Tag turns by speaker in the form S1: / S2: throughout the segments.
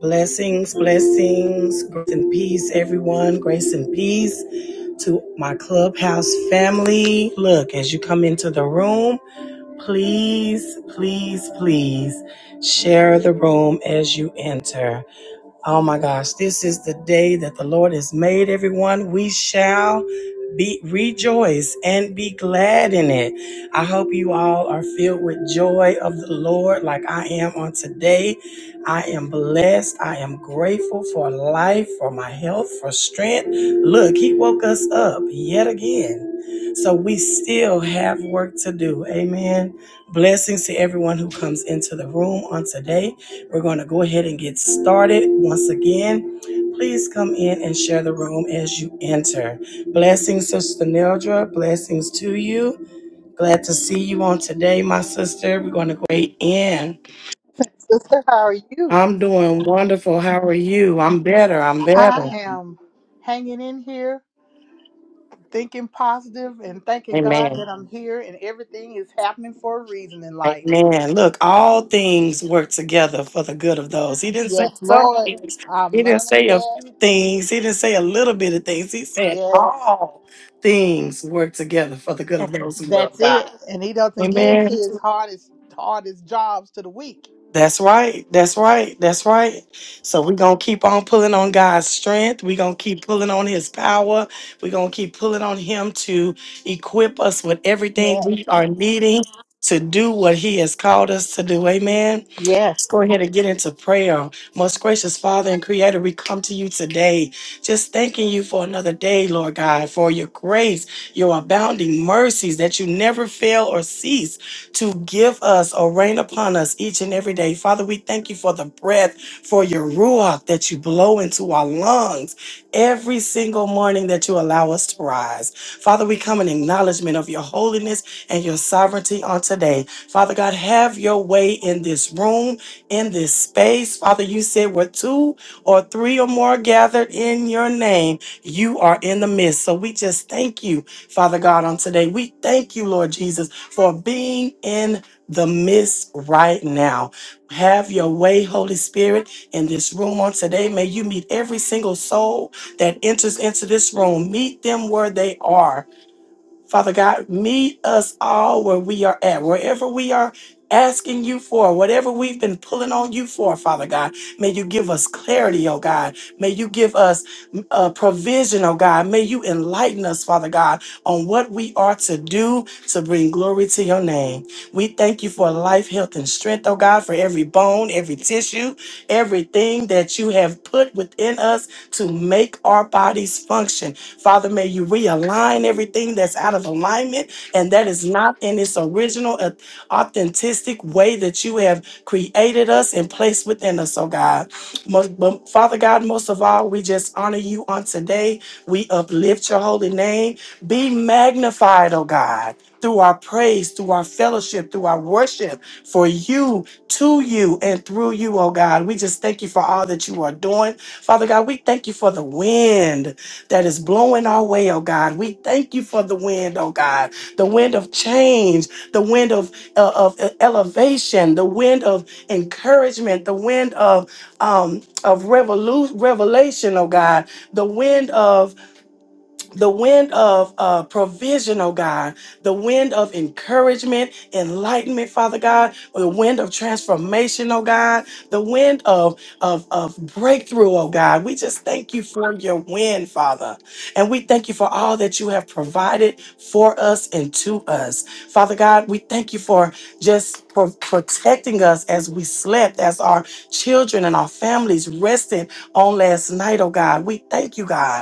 S1: Blessings, blessings, grace and peace, everyone. Grace and peace to my clubhouse family. Look, as you come into the room, please, please, please share the room as you enter. Oh my gosh, this is the day that the Lord has made, everyone. We shall be rejoice and be glad in it. I hope you all are filled with joy of the Lord like I am on today. I am blessed. I am grateful for life, for my health, for strength. Look, he woke us up yet again. So we still have work to do. Amen. Blessings to everyone who comes into the room on today. We're going to go ahead and get started once again. Please come in and share the room as you enter. Blessings, Sister Neldra. Blessings to you. Glad to see you on today, my sister. We're going to go right in.
S2: Sister, how are you?
S1: I'm doing wonderful. How are you? I'm better. I'm
S2: I
S1: better.
S2: am hanging in here, thinking positive and thanking God
S1: Amen.
S2: that I'm here and everything is happening for a reason in life.
S1: Amen. Look, all things work together for the good of those. He didn't say
S2: Yes,
S1: some
S2: Lord,
S1: things. He
S2: I'm
S1: didn't
S2: learning
S1: say a
S2: that.
S1: few things. He didn't say a little bit of things. He said
S2: Yes.
S1: all things work together for the good of
S2: and
S1: those who love
S2: That's
S1: God.
S2: it. And he doesn't give
S1: Amen.
S2: his hardest hardest jobs to the weak.
S1: That's right. That's right. That's right. So we're going to keep on pulling on God's strength. We're going to keep pulling on his power. We're going to keep pulling on him to equip us with everything
S2: Yeah.
S1: we are needing to do what he has called us to do. Amen.
S2: Yes.
S1: Let's go ahead and get into prayer. Most gracious Father and Creator, we come to you today just thanking you for another day, Lord God, for your grace, your abounding mercies that you never fail or cease to give us or rain upon us each and every day. Father, we thank you for the breath, for your ruach that you blow into our lungs every single morning that you allow us to rise. Father, we come in acknowledgement of your holiness and your sovereignty on today. Father God, have your way in this room in this space. Father, you said where two or three or more gathered in your name, you are in the midst. So we just thank you, Father God, on today. We thank you, Lord Jesus, for being in the midst right now. Have your way, Holy Spirit, in this room on today. May you meet every single soul that enters into this room. Meet them where they are Father God, meet us all where we are at, wherever we are asking you for, whatever we've been pulling on you for, Father God. May you give us clarity, oh God. May you give us mm, uh, provision, oh God. May you enlighten us, Father God, on what we are to do to bring glory to your name. We thank you for life, health, and strength, oh God, for every bone, every tissue, everything that you have put within us to make our bodies function. Father, may you realign everything that's out of alignment and that is not in its original, uh, authentic way that you have created us and placed within us, oh God. Most, but Father God, most of all, we just honor you on today. We uplift your holy name. Be magnified, oh God. Through our praise, through our fellowship, through our worship, for you, to you, and through you, oh God. We just thank you for all that you are doing. Father God, we thank you for the wind that is blowing our way, oh God. We thank you for the wind, oh God, the wind of change, the wind of, uh, of elevation, the wind of encouragement, the wind of um, of revolu- revelation, oh God, the wind of the wind of uh, provision, oh God, the wind of encouragement, enlightenment, Father God, the wind of transformation, oh God, the wind of, of, of breakthrough, oh God. We just thank you for your wind, Father. And we thank you for all that you have provided for us and to us. Father God, we thank you for just pro- protecting us as we slept, as our children and our families rested on last night, oh God. We thank you, God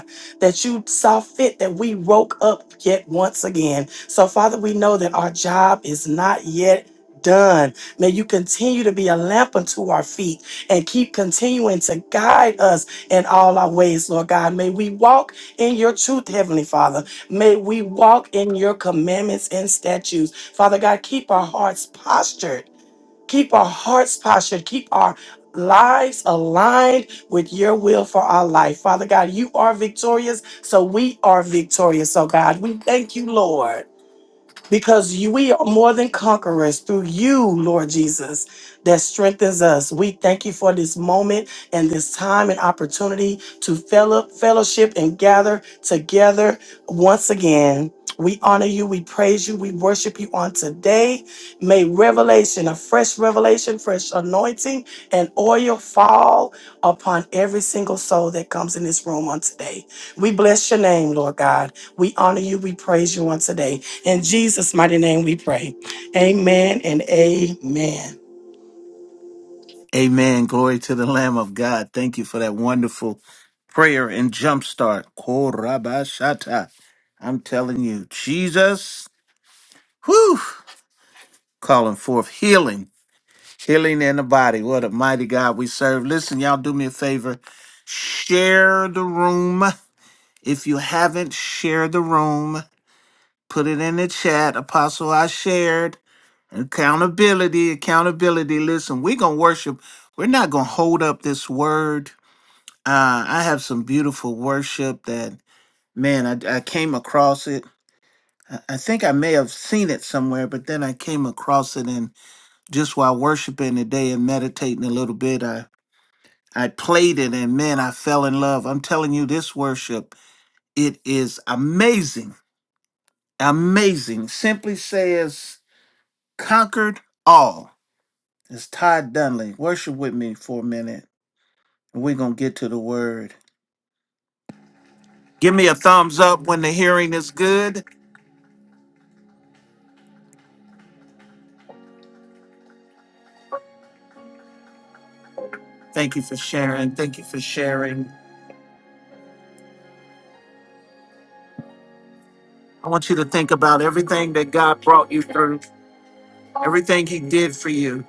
S1: that you saw fit that we woke up yet once again. So, Father, we know that our job is not yet done. May you continue to be a lamp unto our feet and keep continuing to guide us in all our ways, Lord God. May we walk in your truth, Heavenly Father. May we walk in your commandments and statutes. Father God, keep our hearts postured Keep our hearts postured. Keep our lives aligned with your will for our life. Father God, you are victorious, so we are victorious. So, God, we thank you, Lord because you, we are more than conquerors through you, Lord Jesus, that strengthens us. We thank you for this moment and this time and opportunity to fellow, fellowship and gather together once again. We honor you, we praise you, we worship you on today. May revelation, a fresh revelation, fresh anointing, and oil fall upon every single soul that comes in this room on today. We bless your name, Lord God. We honor you, we praise you on today. In Jesus' mighty name we pray. Amen and amen.
S3: Amen. Glory to the Lamb of God. Thank you for that wonderful prayer and jumpstart. Korabashata. I'm telling you, Jesus, whew, calling forth healing, healing in the body. What a mighty God we serve. Listen, y'all do me a favor. Share the room. If you haven't shared the room, put it in the chat. Apostle, I shared. Accountability, accountability. Listen, we're going to worship. We're not going to hold up this word Uh, I have some beautiful worship that, man, I, I came across it. I I think I may have seen it somewhere, but then I came across it, and just while worshiping today and meditating a little bit, I I played it, and man, I fell in love. I'm telling you, this worship it is amazing, amazing. Simply says, "Conquered all." It's Todd Dunley. Worship with me for a minute, and we're gonna get to the word. Give me a thumbs up when the hearing is good. Thank you for sharing. Thank you for sharing. I want you to think about everything that God brought you through, everything He did for you.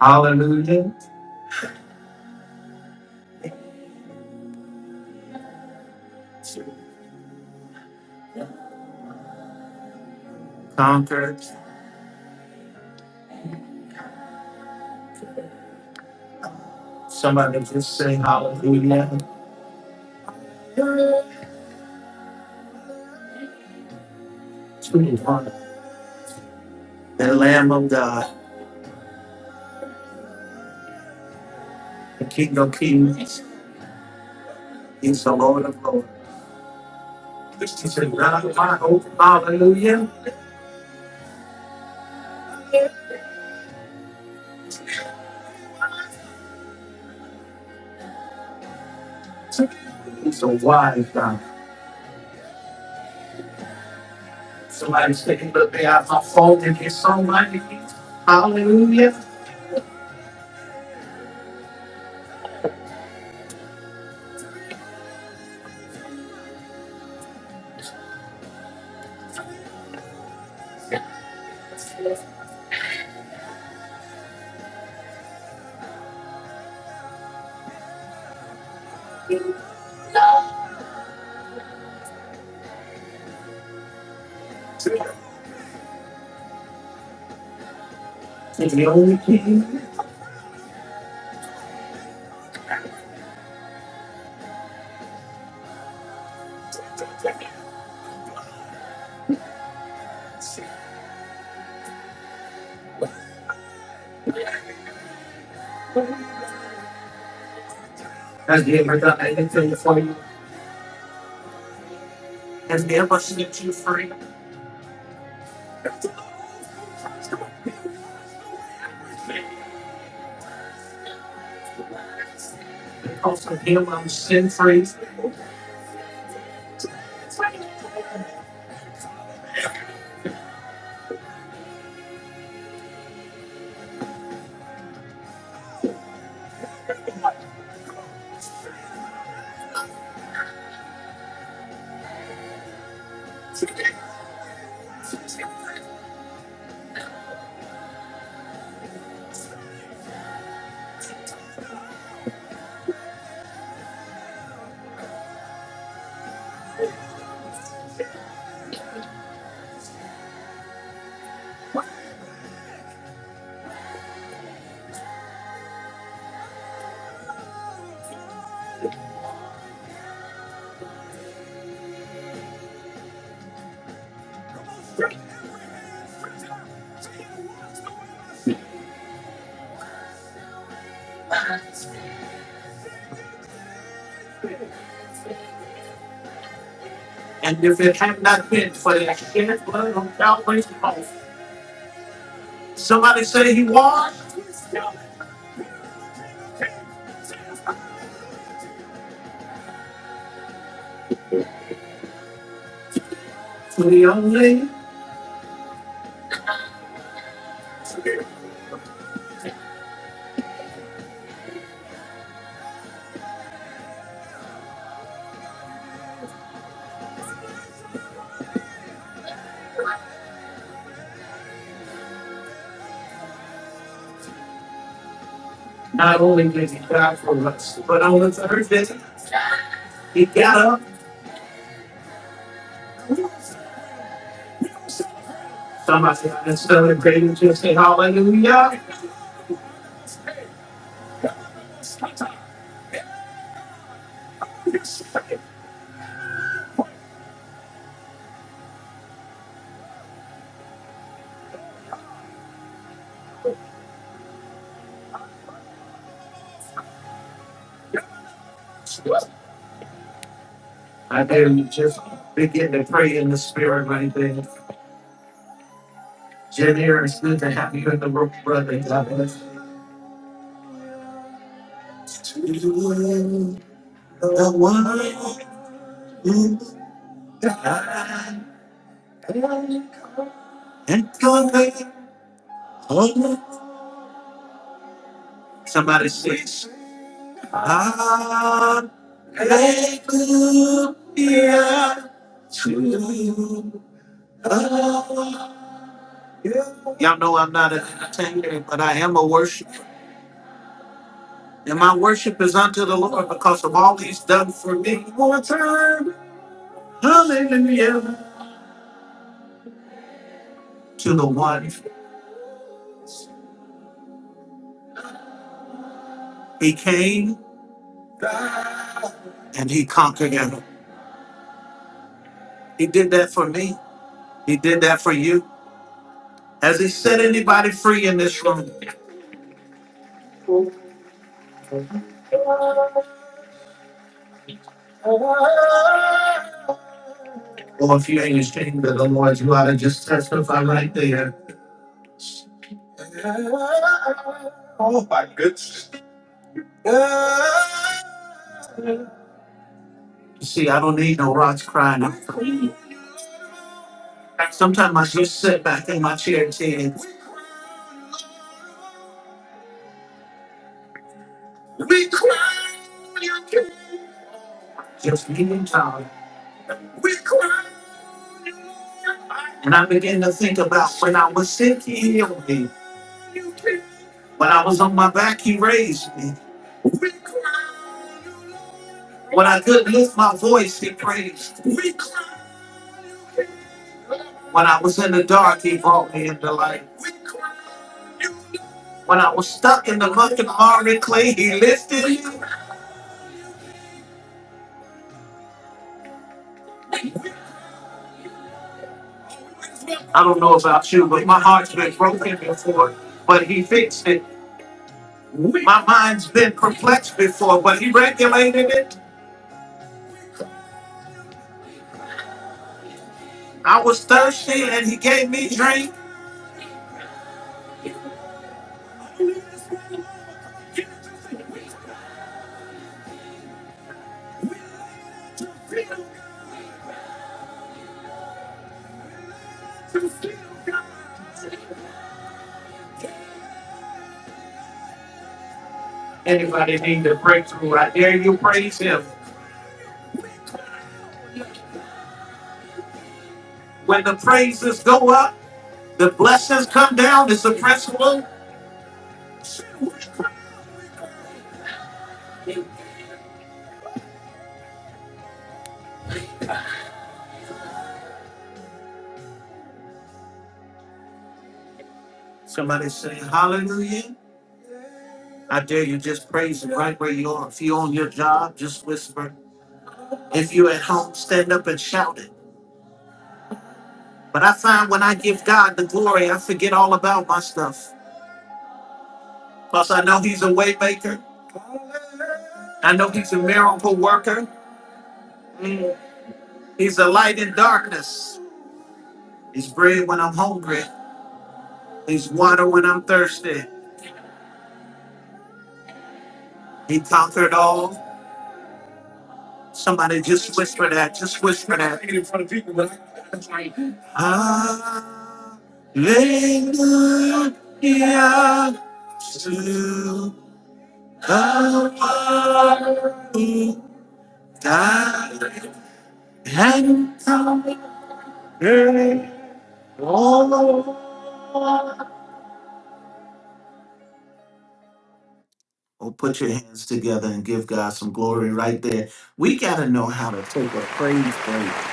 S3: Hallelujah. Conquered. Somebody just say hallelujah to the one, the Lamb of God, the King of Kings. He's the Lord of Lords. He said, "Now my hope, hallelujah. He's a wise God. Somebody say, look, they have my fault in his song, my Hallelujah. He's the only King. Has he ever done anything for you? Has he ever set you free? Also, him I'm sin free. And if it had not been for that shed blood on Calvary's cross, somebody say he was the only. Not only did he die for us, but on the third day he got up Somebody is celebrating just say hallelujah. I dare you just begin to pray in the spirit right there. Janir, it's good to have you in the room, brother. God bless you. To The one who died and going home. Somebody says, Hallelujah to the Y'all know I'm not an entertainer, but I am a worship. And my worship is unto the Lord because of all he's done for me. One time, hallelujah, to the one. He came and he conquered him. He did that for me. He did that for you. Has he set anybody free in this room? Or if you ain't ashamed of the Lord, you ought to just testify right there. You see, I don't need no rocks crying. I'm free. Sometimes I just sit back in my chair and say, We cry. you just me and God. We cried. And I began to think about when I was sick, he healed me. You did. When I was on my back, he raised me. We cried. When I couldn't lift my voice, he praised me. When I was in the dark, he brought me into light. When I was stuck in the muck and hard and clay, he lifted me. I don't know about you, but my heart's been broken before, but he fixed it. My mind's been perplexed before, but he regulated it. I was thirsty and he gave me drink. Anybody need a breakthrough? I dare you praise him. When the praises go up, the blessings come down. It's a principle. Somebody say hallelujah. I dare you just praise him right where you are. If you're on your job, just whisper. If you're at home, stand up and shout it. But I find when I give God the glory, I forget all about my stuff. Plus, I know he's a waymaker. I know he's a miracle worker. Mm. He's a light in darkness. He's bread when I'm hungry. He's water when I'm thirsty. He conquered all. Somebody just whisper that. Just whisper that. Hallelujah to the one who died and conquered all. Oh, put your hands together and give God some glory right there. We got to know how to take a praise break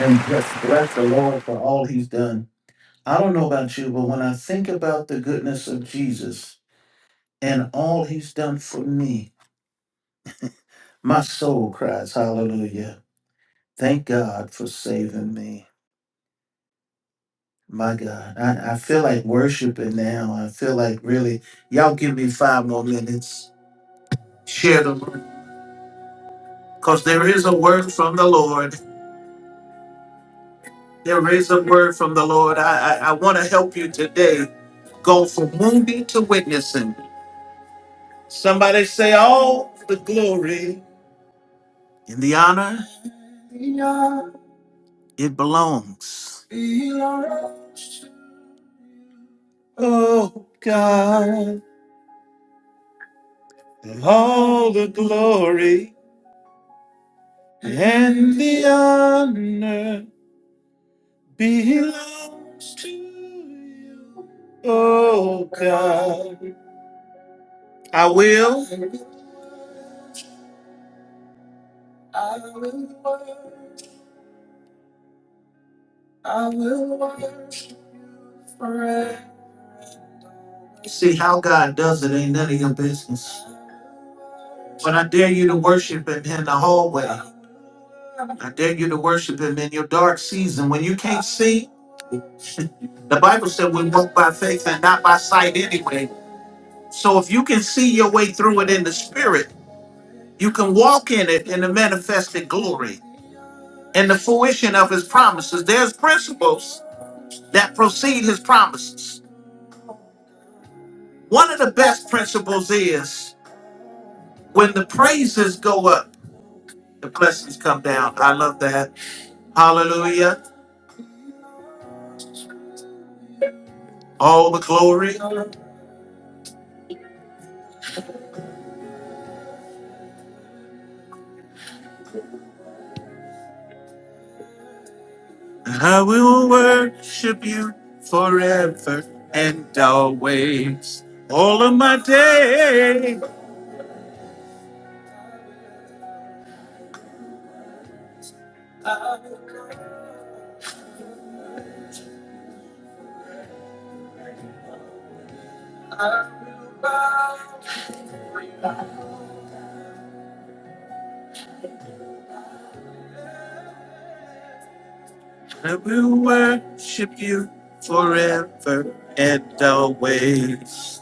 S3: and just bless the Lord for all he's done. I don't know about you, but when I think about the goodness of Jesus and all he's done for me, my soul cries, Hallelujah. Thank God for saving me. My God, I, I feel like worshiping now. I feel like really, y'all give me five more minutes. Share them because there is a word from the Lord. There is a word from the Lord. I, I, I want to help you today go from wounding to witnessing. Somebody say, All the glory and the honor it belongs. Oh God, all the glory and the honor belongs to you. Oh God, I will. I will worship. I will worship forever. See how God does it ain't none of your business. But I dare you to worship Him in the hallway. I dare you to worship him in your dark season when you can't see. The Bible said we walk by faith and not by sight anyway. So if you can see your way through it in the spirit, you can walk in it in the manifested glory and the fruition of his promises. There's principles that precede his promises. One of the best principles is when the praises go up, the blessings come down. I love that. Hallelujah. All the glory. I will worship you forever and always. All of my days, I will worship you forever and always.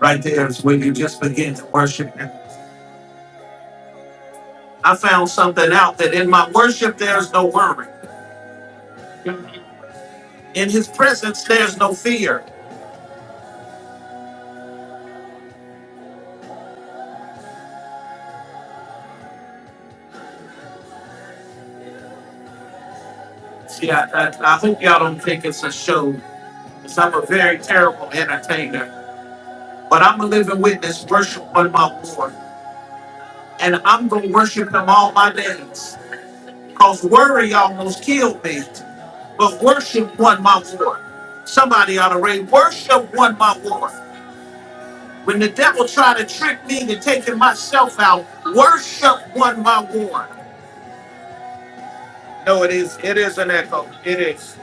S3: Right there is where you just begin to worship Him. I found something out that in my worship, there's no worry. In His presence, there's no fear. See, I, I, I hope y'all don't think it's a show, 'cause I'm a very terrible entertainer. But I'm a living witness, worship on my Lord. and I'm going to worship him all my days. Because worry almost killed me, but worship won my war. Somebody ought to raise worship won my war. When the devil tried to trick me into taking myself out, worship won my war. No, it is. It is an echo. It is.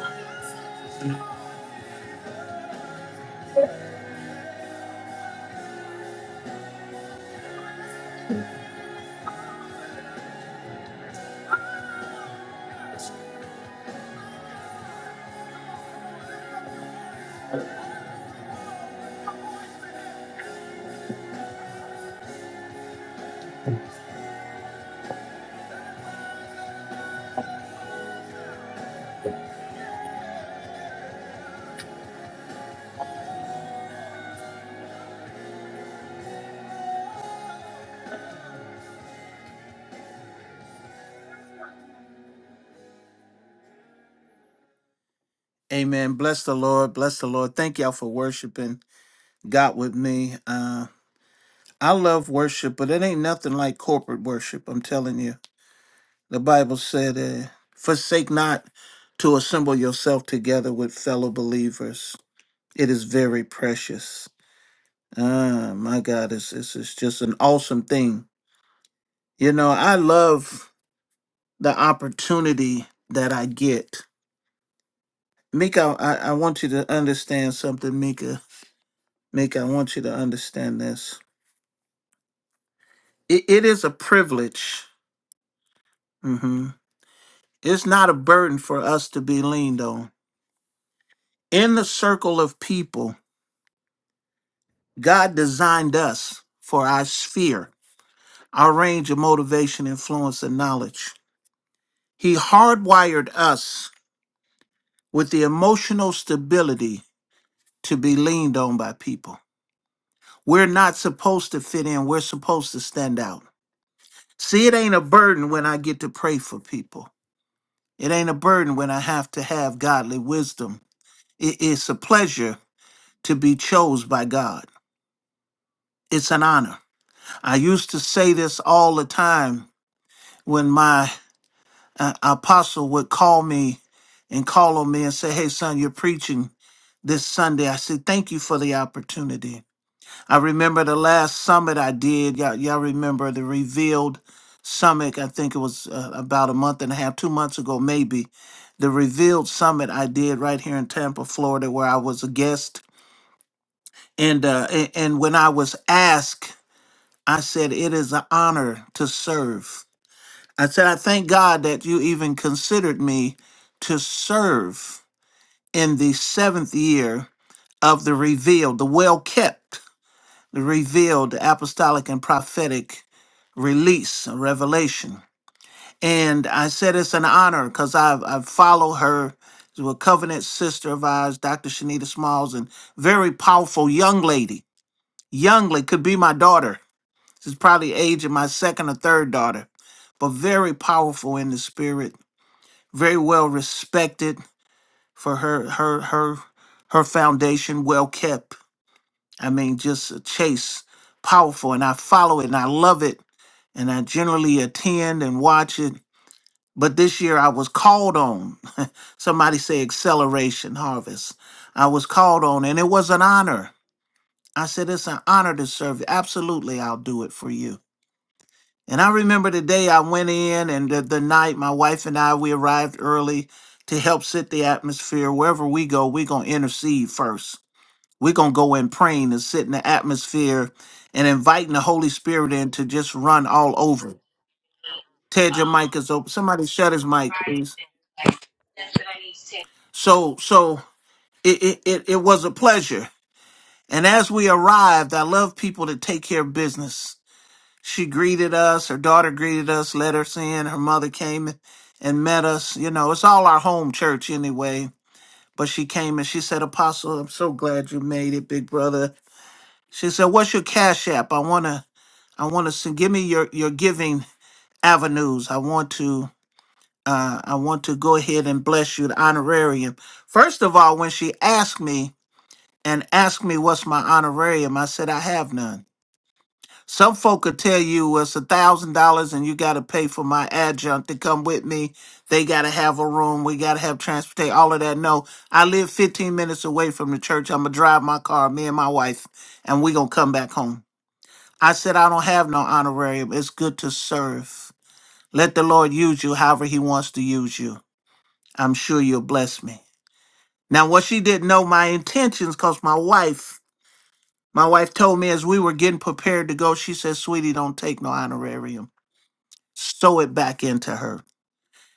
S3: Amen. Bless the Lord. Bless the Lord. Thank y'all for worshiping God with me. Uh, I love worship, but it ain't nothing like corporate worship. I'm telling you. The Bible said, uh, Forsake not to assemble yourself together with fellow believers. It is very precious. Ah, my God, it's, it's, it's just an awesome thing. You know, I love the opportunity that I get. Mika, I, I want you to understand something, Mika. Mika, I want you to understand this. It, it is a privilege. hmm It's not a burden for us to be leaned on. In the circle of people, God designed us for our sphere, our range of motivation, influence, and knowledge. He hardwired us with the emotional stability to be leaned on by people. We're not supposed to fit in, we're supposed to stand out. See, it ain't a burden when I get to pray for people, it ain't a burden when I have to have godly wisdom. It- It's a pleasure to be chose by God, it's an honor. I used to say this all the time when my uh, apostle would call me and call on me and say, Hey, son, you're preaching this Sunday. I said, Thank you for the opportunity. I remember the last summit I did. Y'all, y'all remember the revealed summit. I think it was uh, about a month and a half, two months ago, maybe. The revealed summit I did right here in Tampa, Florida, where I was a guest. And, uh, a- and when I was asked, I said, It is an honor to serve. I said, I thank God that you even considered me to serve in the seventh year of the revealed, the well kept, the revealed the apostolic and prophetic release, and revelation. And I said, it's an honor because I've, I've followed her. She's a covenant sister of ours, Dr. Shanita Smalls, and very powerful young lady. Young lady could be my daughter. She's probably age of my second or third daughter, but very powerful in the spirit very well respected for her her her her foundation well kept i mean just a chase powerful and i follow it and i love it and i generally attend and watch it but this year i was called on somebody say acceleration harvest i was called on and it was an honor i said it's an honor to serve you absolutely i'll do it for you And I remember the day I went in and the, the night my wife and I, we arrived early to help set the atmosphere. Wherever we go, we're going to intercede first. We're going to go in praying and sit in the atmosphere and inviting the Holy Spirit in to just run all over. Ted, your mic
S4: Um,
S3: is open. Somebody shut his mic,
S4: right.
S3: please.
S4: Like, that's what I need to take.
S3: So, so it, it, it, it was a pleasure. And as we arrived, I love people that take care of business she greeted us. Her daughter greeted us, let us in. Her mother came and met us. You know, it's all our home church anyway. But she came and she said, Apostle, I'm so glad you made it, big brother. She said, What's your cash app? I wanna I wanna send give me your, your giving avenues. I want to uh, I want to go ahead and bless you the honorarium. First of all, when she asked me and asked me what's my honorarium, I said I have none. Some folk could tell you "Well, it's a thousand dollars and you gotta pay for my adjunct to come with me. They gotta have a room. We gotta have transportation. All of that. No, I live 15 minutes away from the church. I'm gonna drive my car, me and my wife, and we gonna come back home. I said I don't have no honorarium. It's good to serve. Let the Lord use you however He wants to use you. I'm sure you'll bless me. Now, what she didn't know my intentions, cause my wife, my wife told me as we were getting prepared to go, she said, "Sweetie, don't take no honorarium." sew it back into her.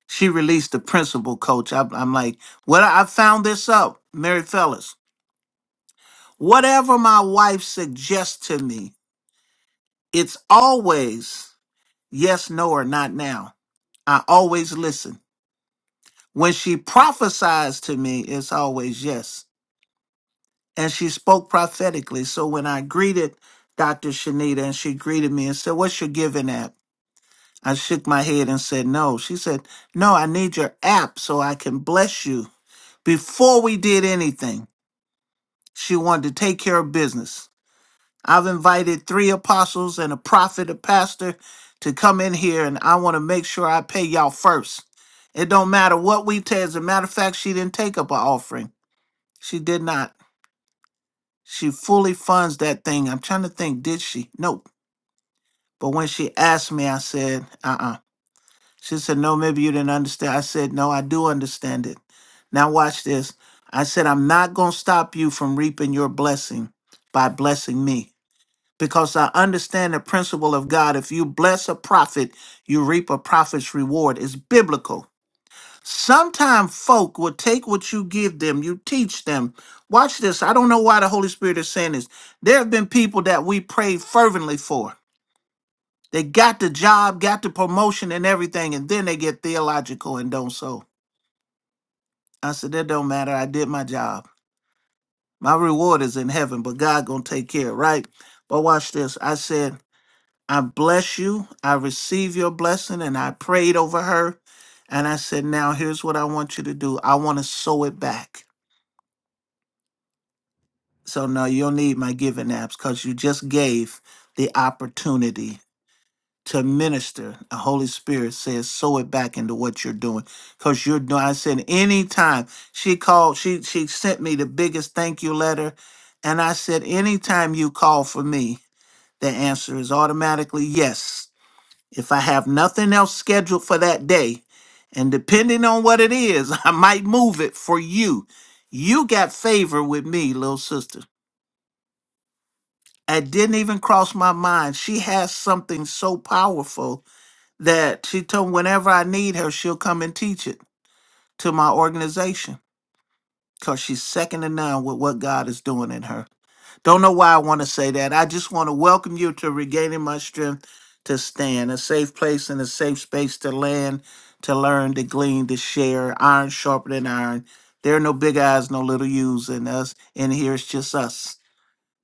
S3: She released the principal coach. I'm, I'm like, well, I found this out, Mary Fellas. Whatever my wife suggests to me, it's always yes, no, or not now. I always listen. When she prophesies to me, it's always yes. And she spoke prophetically. So when I greeted Dr. Shanita and she greeted me and said, What's your giving app? I shook my head and said, No. She said, No, I need your app so I can bless you Before we did anything, she wanted to take care of business. I've invited three apostles and a prophet, a pastor to come in here, and I want to make sure I pay y'all first. It don't matter what we take. As a matter of fact, she didn't take up an offering. She did not. She fully funds that thing. I'm trying to think, did she? Nope. But when she asked me, I said, uh uh She said, No, maybe you didn't understand. I said, No, I do understand it. Now, watch this. I said, I'm not going to stop you from reaping your blessing by blessing me because I understand the principle of God. If you bless a prophet, you reap a prophet's reward. It's biblical. Sometimes folk will take what you give them, you teach them. Watch this. I don't know why the Holy Spirit is saying this. There have been people that we prayed fervently for they got the job, got the promotion and everything, and then they get theological and don't sow. I said, that don't matter. I did my job. My reward is in heaven, but God gonna take care, right? But watch this. I said, I bless you. I receive your blessing, and I prayed over her. And I said, now here's what I want you to do. I want to sow it back. So no, you'll need my giving apps because you just gave the opportunity to minister. The Holy Spirit says, sow it back into what you're doing. Because you're doing, I said, anytime she called, she she sent me the biggest thank you letter. And I said, anytime you call for me, the answer is automatically yes. If I have nothing else scheduled for that day, and depending on what it is, I might move it for you. You got favor with me, little sister. It didn't even cross my mind. She has something so powerful that she told me whenever I need her, she'll come and teach it to my organization because she's second to none with what God is doing in her. Don't know why I want to say that. I just want to welcome you to regaining my strength to stand, a safe place and a safe space to land, to learn, to glean, to share, iron sharper than iron. There are no big eyes, no little U's in us. In here, it's just us.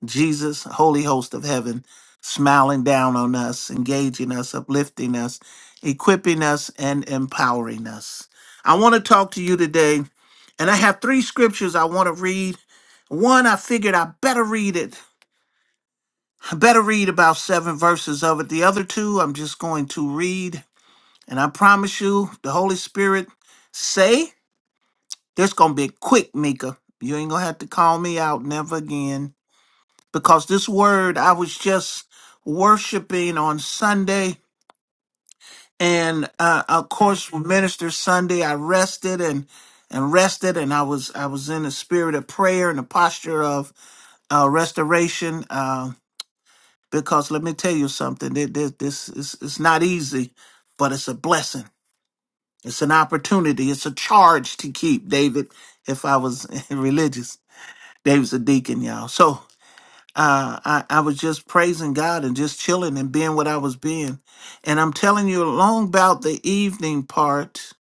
S3: Jesus, Holy Host of Heaven, smiling down on us, engaging us, uplifting us, equipping us, and empowering us. I want to talk to you today, and I have three scriptures I want to read. One, I figured I better read it. I better read about seven verses of it. The other two, I'm just going to read. And I promise you, the Holy Spirit say, there's going to be a quick, Mika. You ain't going to have to call me out never again because this word I was just worshiping on Sunday, and uh, of course minister Sunday I rested and and rested, and I was I was in a spirit of prayer and a posture of uh, restoration. Uh, because let me tell you something, thi- thi- this is it's not easy, but it's a blessing. It's an opportunity. It's a charge to keep, David. If I was religious, David's a deacon, y'all. So. uh, I, I was just praising God and just chilling and being what I was being. And I'm telling you, long about the evening part,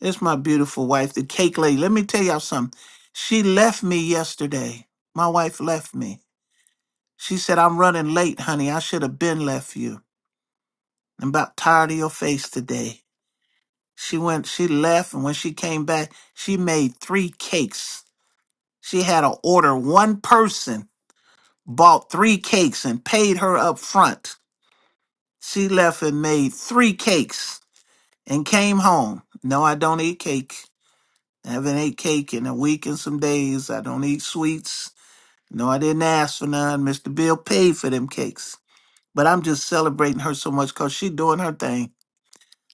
S3: it's my beautiful wife, the cake lady. Let me tell y'all something. She left me yesterday. My wife left me. She said, I'm running late, honey. I should have been left you. I'm about tired of your face today. She went, she left, and when she came back, she made three cakes. She had to order. One person bought three cakes and paid her up front She left and made three cakes and came home. No, I don't eat cake. I haven't ate cake in a week and some days. I don't eat sweets. No, I didn't ask for none. Mr. Bill paid for them cakes. But I'm just celebrating her so much because she's doing her thing.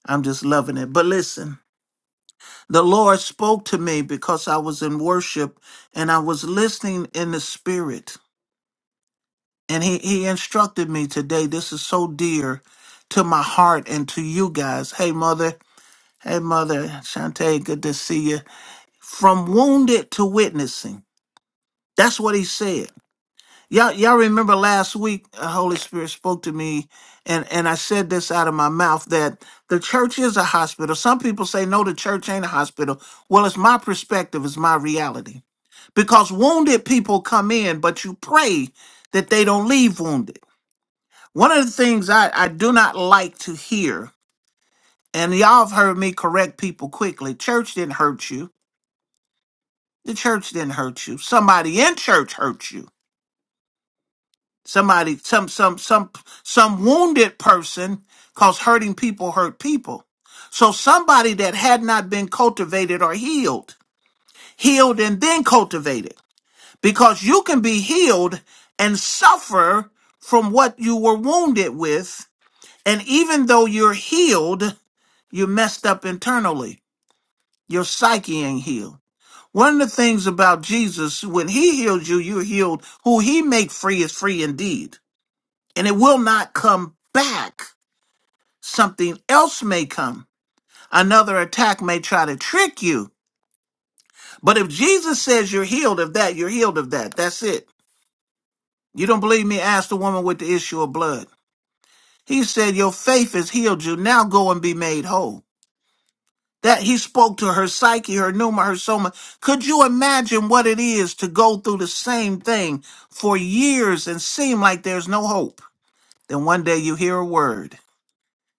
S3: I'm just loving it. But listen, the Lord spoke to me because I was in worship and I was listening in the spirit. And he, he instructed me today. This is so dear to my heart and to you guys. Hey, mother, Hey, Mother Shantae, good to see you. From wounded to witnessing. That's what he said. Y'all, y'all remember last week, the Holy Spirit spoke to me, and, and I said this out of my mouth that the church is a hospital. Some people say, no, the church ain't a hospital. Well, it's my perspective, it's my reality. Because wounded people come in, but you pray that they don't leave wounded. One of the things I, I do not like to hear, and y'all have heard me correct people quickly church didn't hurt you. The church didn't hurt you. Somebody in church hurt you. Somebody, some, some, some, some wounded person, cause hurting people hurt people. So somebody that had not been cultivated or healed, healed and then cultivated, because you can be healed and suffer from what you were wounded with. And even though you're healed, you're messed up internally. Your psyche ain't healed. One of the things about Jesus, when he healed you, you're healed. Who he make free is free indeed. And it will not come back. Something else may come. Another attack may try to trick you. But if Jesus says you're healed of that, you're healed of that. That's it. You don't believe me? Ask the woman with the issue of blood. He said, Your faith has healed you. Now go and be made whole. that he spoke to her psyche, her pneuma, her soma. Could you imagine what it is to go through the same thing for years and seem like there's no hope? Then one day you hear a word,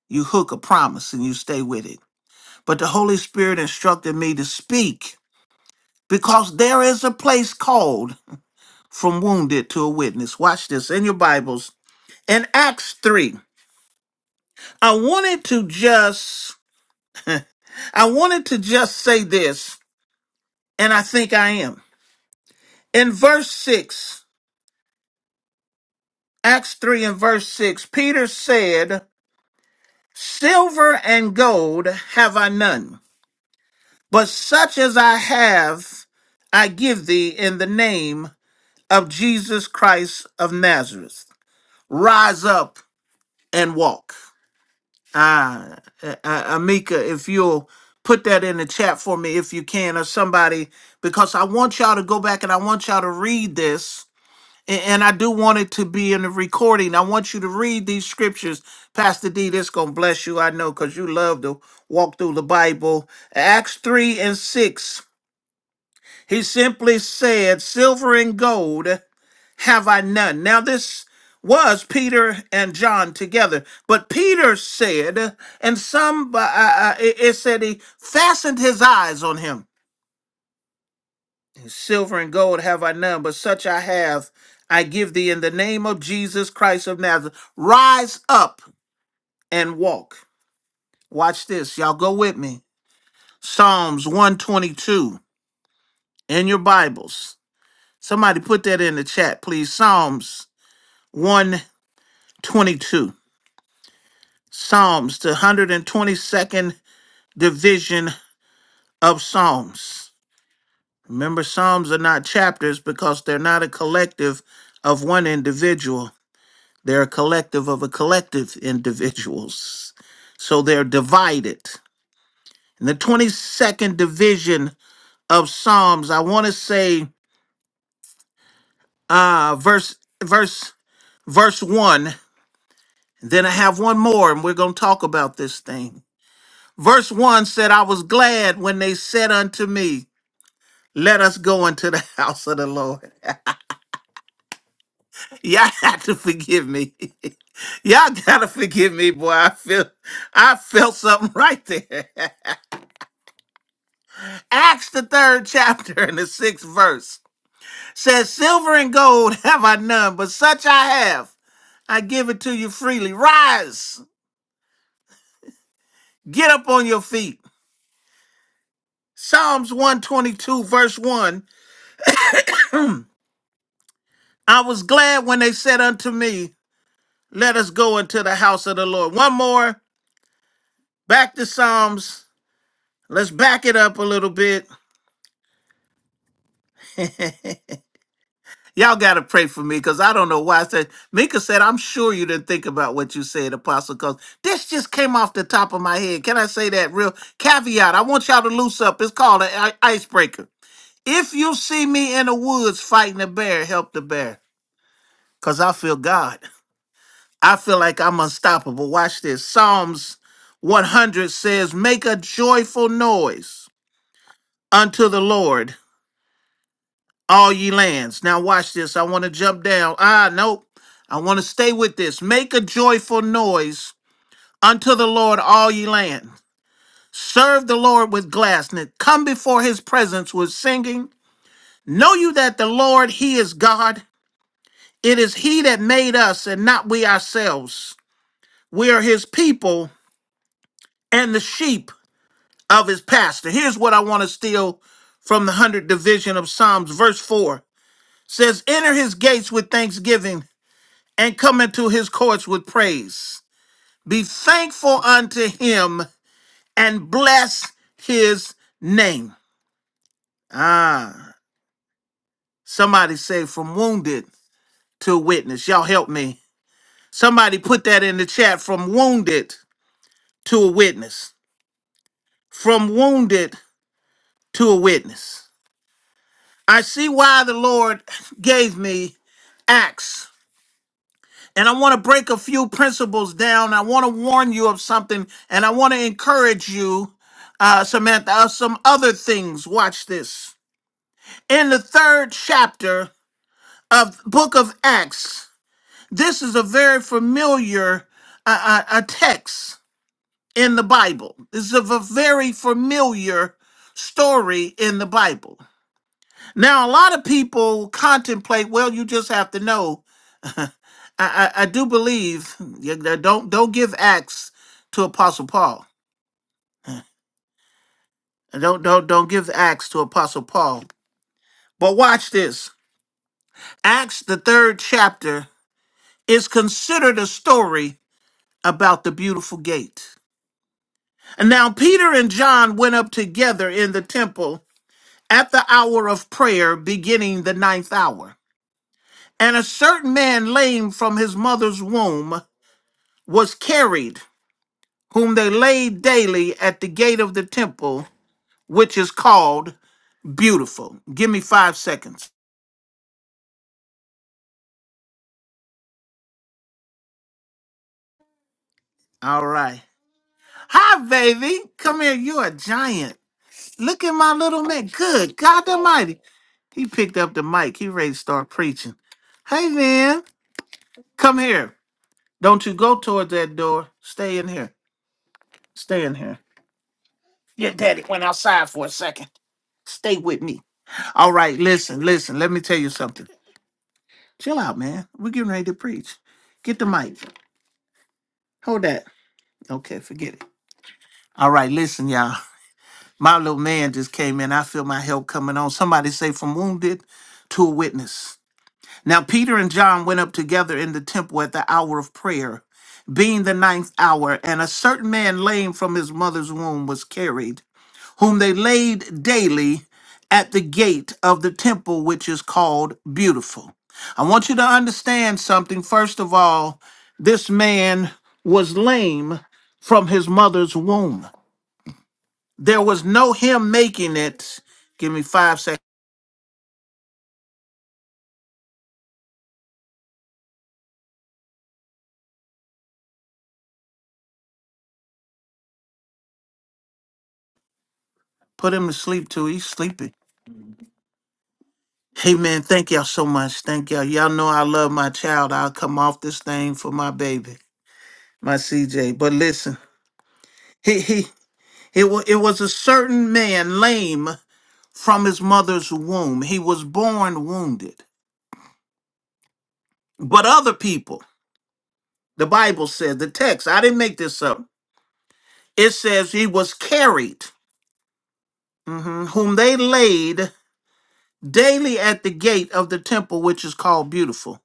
S3: you hook a promise, and you stay with it. But the Holy Spirit instructed me to speak because there is a place called from wounded to a witness. Watch this in your Bibles. In Acts 3, I wanted to just I wanted to just say this, and I think I am. In verse 6, Acts 3 and verse 6 Peter said, Silver and gold have I none, but such as I have, I give thee in the name of Jesus Christ of Nazareth. Rise up and walk. Ah, uh, Amika, if you'll put that in the chat for me, if you can, or somebody, because I want y'all to go back and I want y'all to read this And, and I do want it to be in the recording. I want you to read these scriptures. Pastor D, this going to bless you, I know, because you love to walk through the Bible. Acts 3 and 6. He simply said, Silver and gold have I none. Now, this was Peter and John together. But Peter said, and some, uh, uh, it it said he fastened his eyes on him Silver and gold have I none, but such I have. I give thee in the name of Jesus Christ of Nazareth. Rise up and walk. Watch this. Y'all go with me. Psalms 122 in your Bibles. Somebody put that in the chat, please. Psalms 122. Psalms, the 122nd division of Psalms. Remember, Psalms are not chapters because they're not a collective of one individual They're a collective of a collective individuals. So they're divided. In the 22nd division of Psalms, I want to say uh verse verse verse 1. Then I have one more and we're going to talk about this thing. Verse 1 said, "I was glad when they said unto me, let us go into the house of the Lord." Y'all have to forgive me. Y'all gotta forgive me, boy. I feel I felt something right there. Acts, the third chapter and the sixth verse says, Silver and gold have I none, but such I have. I give it to you freely. Rise, get up on your feet. Psalms 122, verse 1 I was glad when they said unto me, Let us go into the house of the Lord. One more, back to Psalms. Let's back it up a little bit. Y'all got to pray for me because I don't know why I said. Mika said, I'm sure you didn't think about what you said, Apostle, because this just came off the top of my head. Can I say that real caveat? I want y'all to loose up. It's called an i- icebreaker. If you see me in the woods fighting a bear, help the bear because I feel God. I feel like I'm unstoppable. Watch this. Psalms 100 says, Make a joyful noise unto the Lord. all ye lands. Now watch this. I want to jump down. Ah, nope. I want to stay with this. Make a joyful noise unto the Lord, all ye land. Serve the Lord with gladness. Come before his presence with singing. Know you that the Lord, he is God. It is he that made us and not we ourselves. We are his people and the sheep of his pasture. Here's what I want to steal from the 100th division of Psalms, verse 4 says, Enter his gates with thanksgiving and come into his courts with praise. Be thankful unto him and bless his name. Ah, somebody say from wounded to witness. Y'all help me. Somebody put that in the chat from wounded to a witness. From wounded to a witness. I see why the Lord gave me Acts And I want to break a few principles down. I want to warn you of something, and I want to encourage you, uh, Samantha, of some other things. Watch this. In the third chapter of Book of Acts, this is a very familiar uh, uh, a text in the Bible. This is a very familiar story in the Bible. Now, a lot of people contemplate, well, you just have to know I, I, I do believe yeah, that don't don't give acts to Apostle Paul. Don't don't don't give acts to Apostle Paul. But watch this. Acts the third chapter is considered a story about the beautiful gate. And now Peter and John went up together in the temple at the hour of prayer, beginning the ninth hour. And a certain man lame from his mother's womb was carried, whom they laid daily at the gate of the temple which is called Beautiful. Give me five seconds. All right. Hi, baby. Come here. You're a giant. Look at my little man. Good God Almighty. He picked up the mic. He ready to start preaching. Hey, man. Come here. Don't you go towards that door. Stay in here. Stay in here. Yeah, daddy. Stay with me. All right. Listen, listen. Let me tell you something. Chill out, man. We're getting ready to preach. Get the mic. Hold that. Okay, forget it. All right, listen, y'all. My little man just came in. I feel my help coming on. Somebody say, from wounded to a witness. Now, Peter and John went up together in the temple at the hour of prayer, being the ninth hour, and a certain man lame from his mother's womb was carried, whom they laid daily at the gate of the temple, which is called Beautiful. I want you to understand something. First of all, this man was lame from his mother's womb. There was no him making it. Give me five seconds. Put him to sleep too. He's sleepy. Hey man, thank y'all so much. Thank y'all. Y'all know I love my child. I'll come off this thing for my baby, my CJ. But listen, he he it, was it was a certain man lame from his mother's womb. He was born wounded. But other people, the Bible says, the text, I didn't make this up. It says he was carried, mhm, whom they laid daily at the gate of the temple which is called Beautiful,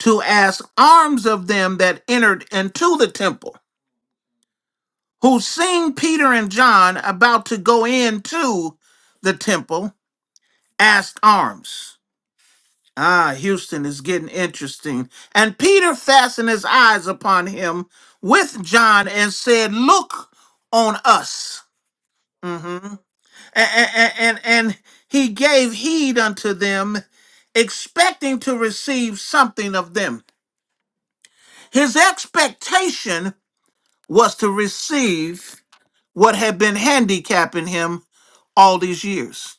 S3: to ask alms of them that entered into the temple, who seeing Peter and John about to go into the temple, asked alms. Ah, Houston is getting interesting. And Peter fastened his eyes upon him with John and said, Look on us. Mhm. and, and, and he gave heed unto them, expecting to receive something of them. His expectation was to receive what had been handicapping him all these years.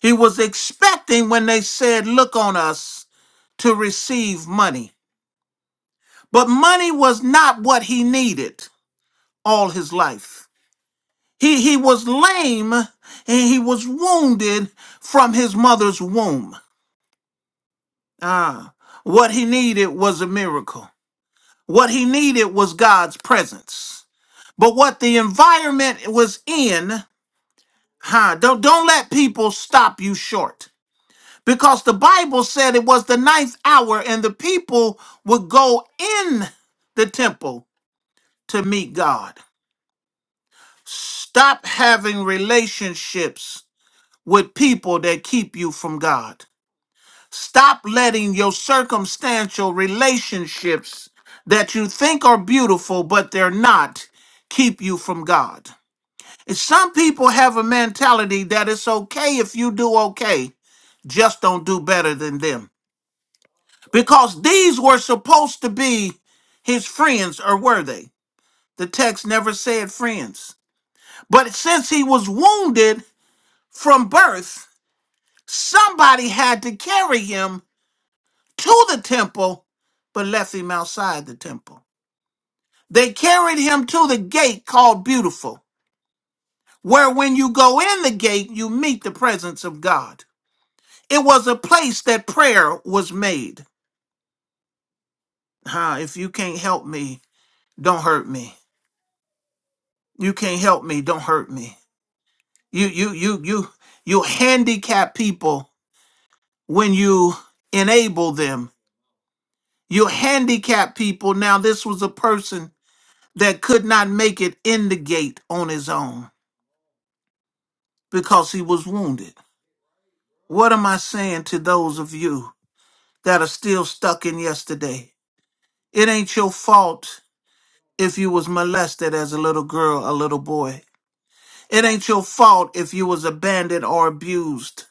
S3: He was expecting when they said, Look on us, to receive money. But money was not what he needed all his life. He, he was lame and he was wounded from his mother's womb. Ah, what he needed was a miracle. What he needed was God's presence. But what the environment was in, huh? Don't don't let people stop you short. Because the Bible said it was the ninth hour and the people would go in the temple to meet God. Stop having relationships with people that keep you from God. Stop letting your circumstantial relationships that you think are beautiful, but they're not, keep you from God. And some people have a mentality that it's okay if you do okay, just don't do better than them. Because these were supposed to be his friends, or were they? The text never said friends. But since he was wounded from birth, somebody had to carry him to the temple, but left him outside the temple. They carried him to the gate called Beautiful, where when you go in the gate, you meet the presence of God. It was a place that prayer was made. Ah, if you can't help me, don't hurt me. You can't help me, don't hurt me. You you you you you handicap people when you enable them. You handicap people. Now this was a person that could not make it in the gate on his own. because he was wounded. What am I saying to those of you that are still stuck in yesterday? It ain't your fault if you was molested as a little girl, a little boy. It ain't your fault if you was abandoned or abused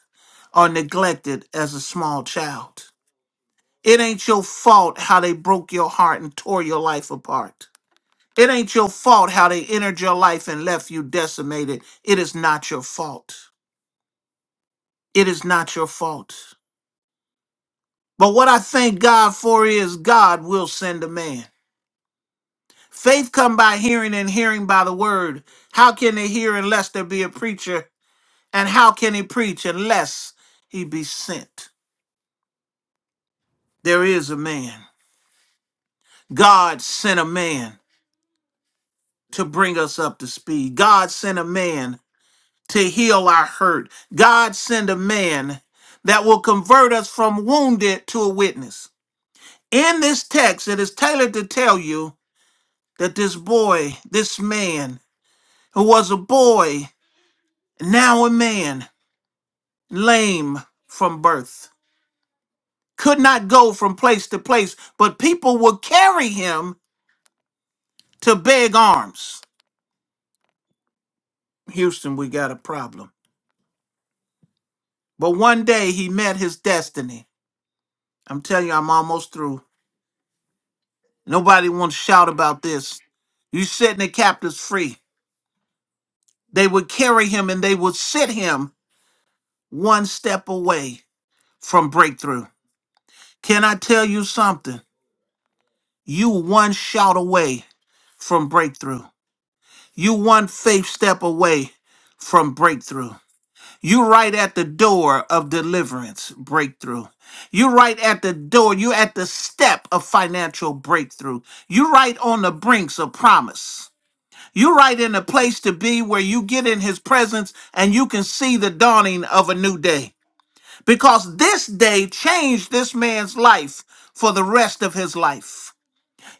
S3: or neglected as a small child. It ain't your fault how they broke your heart and tore your life apart. It ain't your fault how they entered your life and left you decimated. It is not your fault. It is not your fault. But what I thank God for is God will send a man. Faith come by hearing and hearing by the word. How can they hear unless there be a preacher? And how can he preach unless he be sent? There is a man. God sent a man to bring us up to speed. God sent a man to heal our hurt. God sent a man that will convert us from wounded to a witness. In this text, it is tailored to tell you that this boy, this man, who was a boy, and now a man, lame from birth, could not go from place to place, but people would carry him to beg arms. Houston, we got a problem. But one day he met his destiny. I'm telling you, I'm almost through. Nobody wants to shout about this. You setting the captives free. They would carry him and they would sit him one step away from breakthrough. Can I tell you something? You one shout away from breakthrough. You one faith step away from breakthrough. You right at the door of deliverance breakthrough. You right at the door. You at the step of financial breakthrough. You right on the brinks of promise. You right in a place to be where you get in his presence and you can see the dawning of a new day. Because this day changed this man's life for the rest of his life.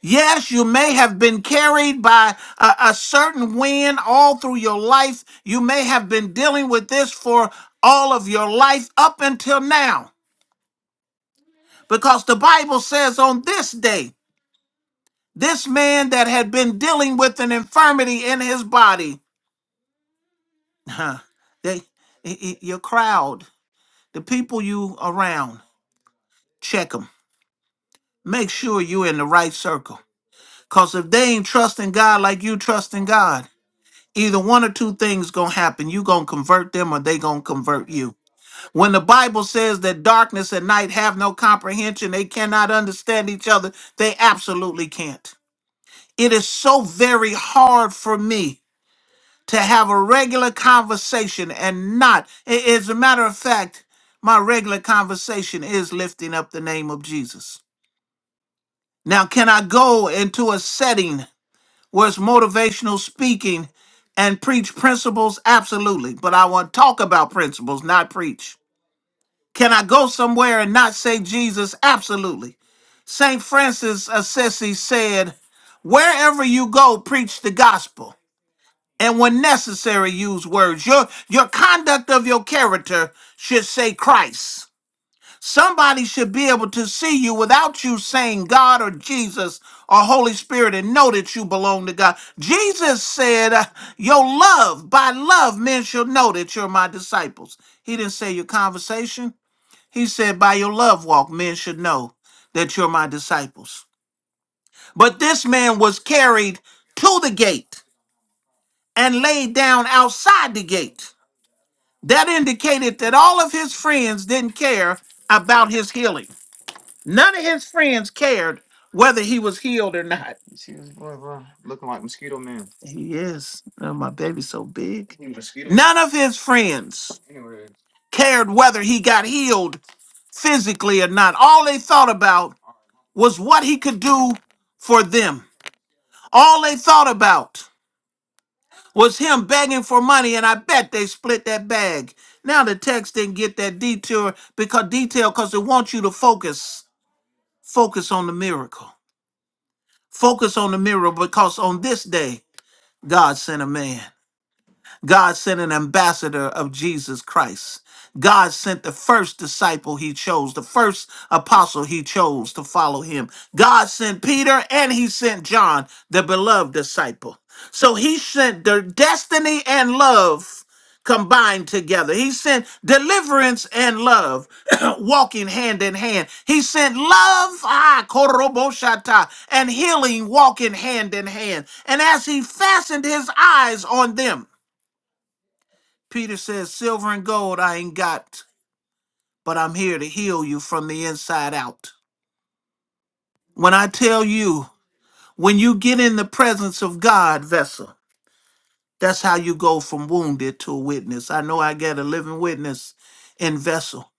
S3: Yes, you may have been carried by a, a certain wind all through your life. You may have been dealing with this for all of your life up until now, because the Bible says on this day, this man that had been dealing with an infirmity in his body, huh, they, i- i- your crowd, the people you around, check them. Make sure you're in the right circle. Because if they ain't trusting God like you trusting God, either one or two things gonna happen you gonna convert them or they gonna convert you when the bible says that darkness and night have no comprehension they cannot understand each other they absolutely can't it is so very hard for me to have a regular conversation and not a- as a matter of fact my regular conversation is lifting up the name of jesus now can i go into a setting was motivational speaking and preach principles? Absolutely. But I want to talk about principles, not preach. Can I go somewhere and not say Jesus? Absolutely. St. Francis Assisi said, Wherever you go, preach the gospel. And when necessary, use words. Your, your conduct of your character should say Christ. Somebody should be able to see you without you saying God or Jesus or Holy Spirit and know that you belong to God. Jesus said, uh, Your love, by love, men shall know that you're my disciples. He didn't say your conversation. He said, By your love walk, men should know that you're my disciples. But this man was carried to the gate and laid down outside the gate. That indicated that all of his friends didn't care about his healing. None of his friends cared whether he was healed or not. He is. Oh, my baby's so big. You mosquito. None of his friends cared whether he got healed physically or not. All they thought about was what he could do for them. All they thought about was him begging for money, and I bet they split that bag. Now the text didn't get that detour because detail because it wants you to focus. Focus on the miracle. Focus on the miracle because on this day God sent a man. God sent an ambassador of Jesus Christ. God sent the first disciple he chose, the first apostle he chose to follow him. God sent Peter and he sent John, the beloved disciple. So he sent their destiny and love combined together. He sent deliverance and love walking hand in hand. He sent love, ah, koroboshata, and healing walking hand in hand. And as he fastened his eyes on them, Peter says, Silver and gold I ain't got, but I'm here to heal you from the inside out. When I tell you, when you get in the presence of God, vessel, that's how you go from wounded to a witness. I know I got a living witness in vessel.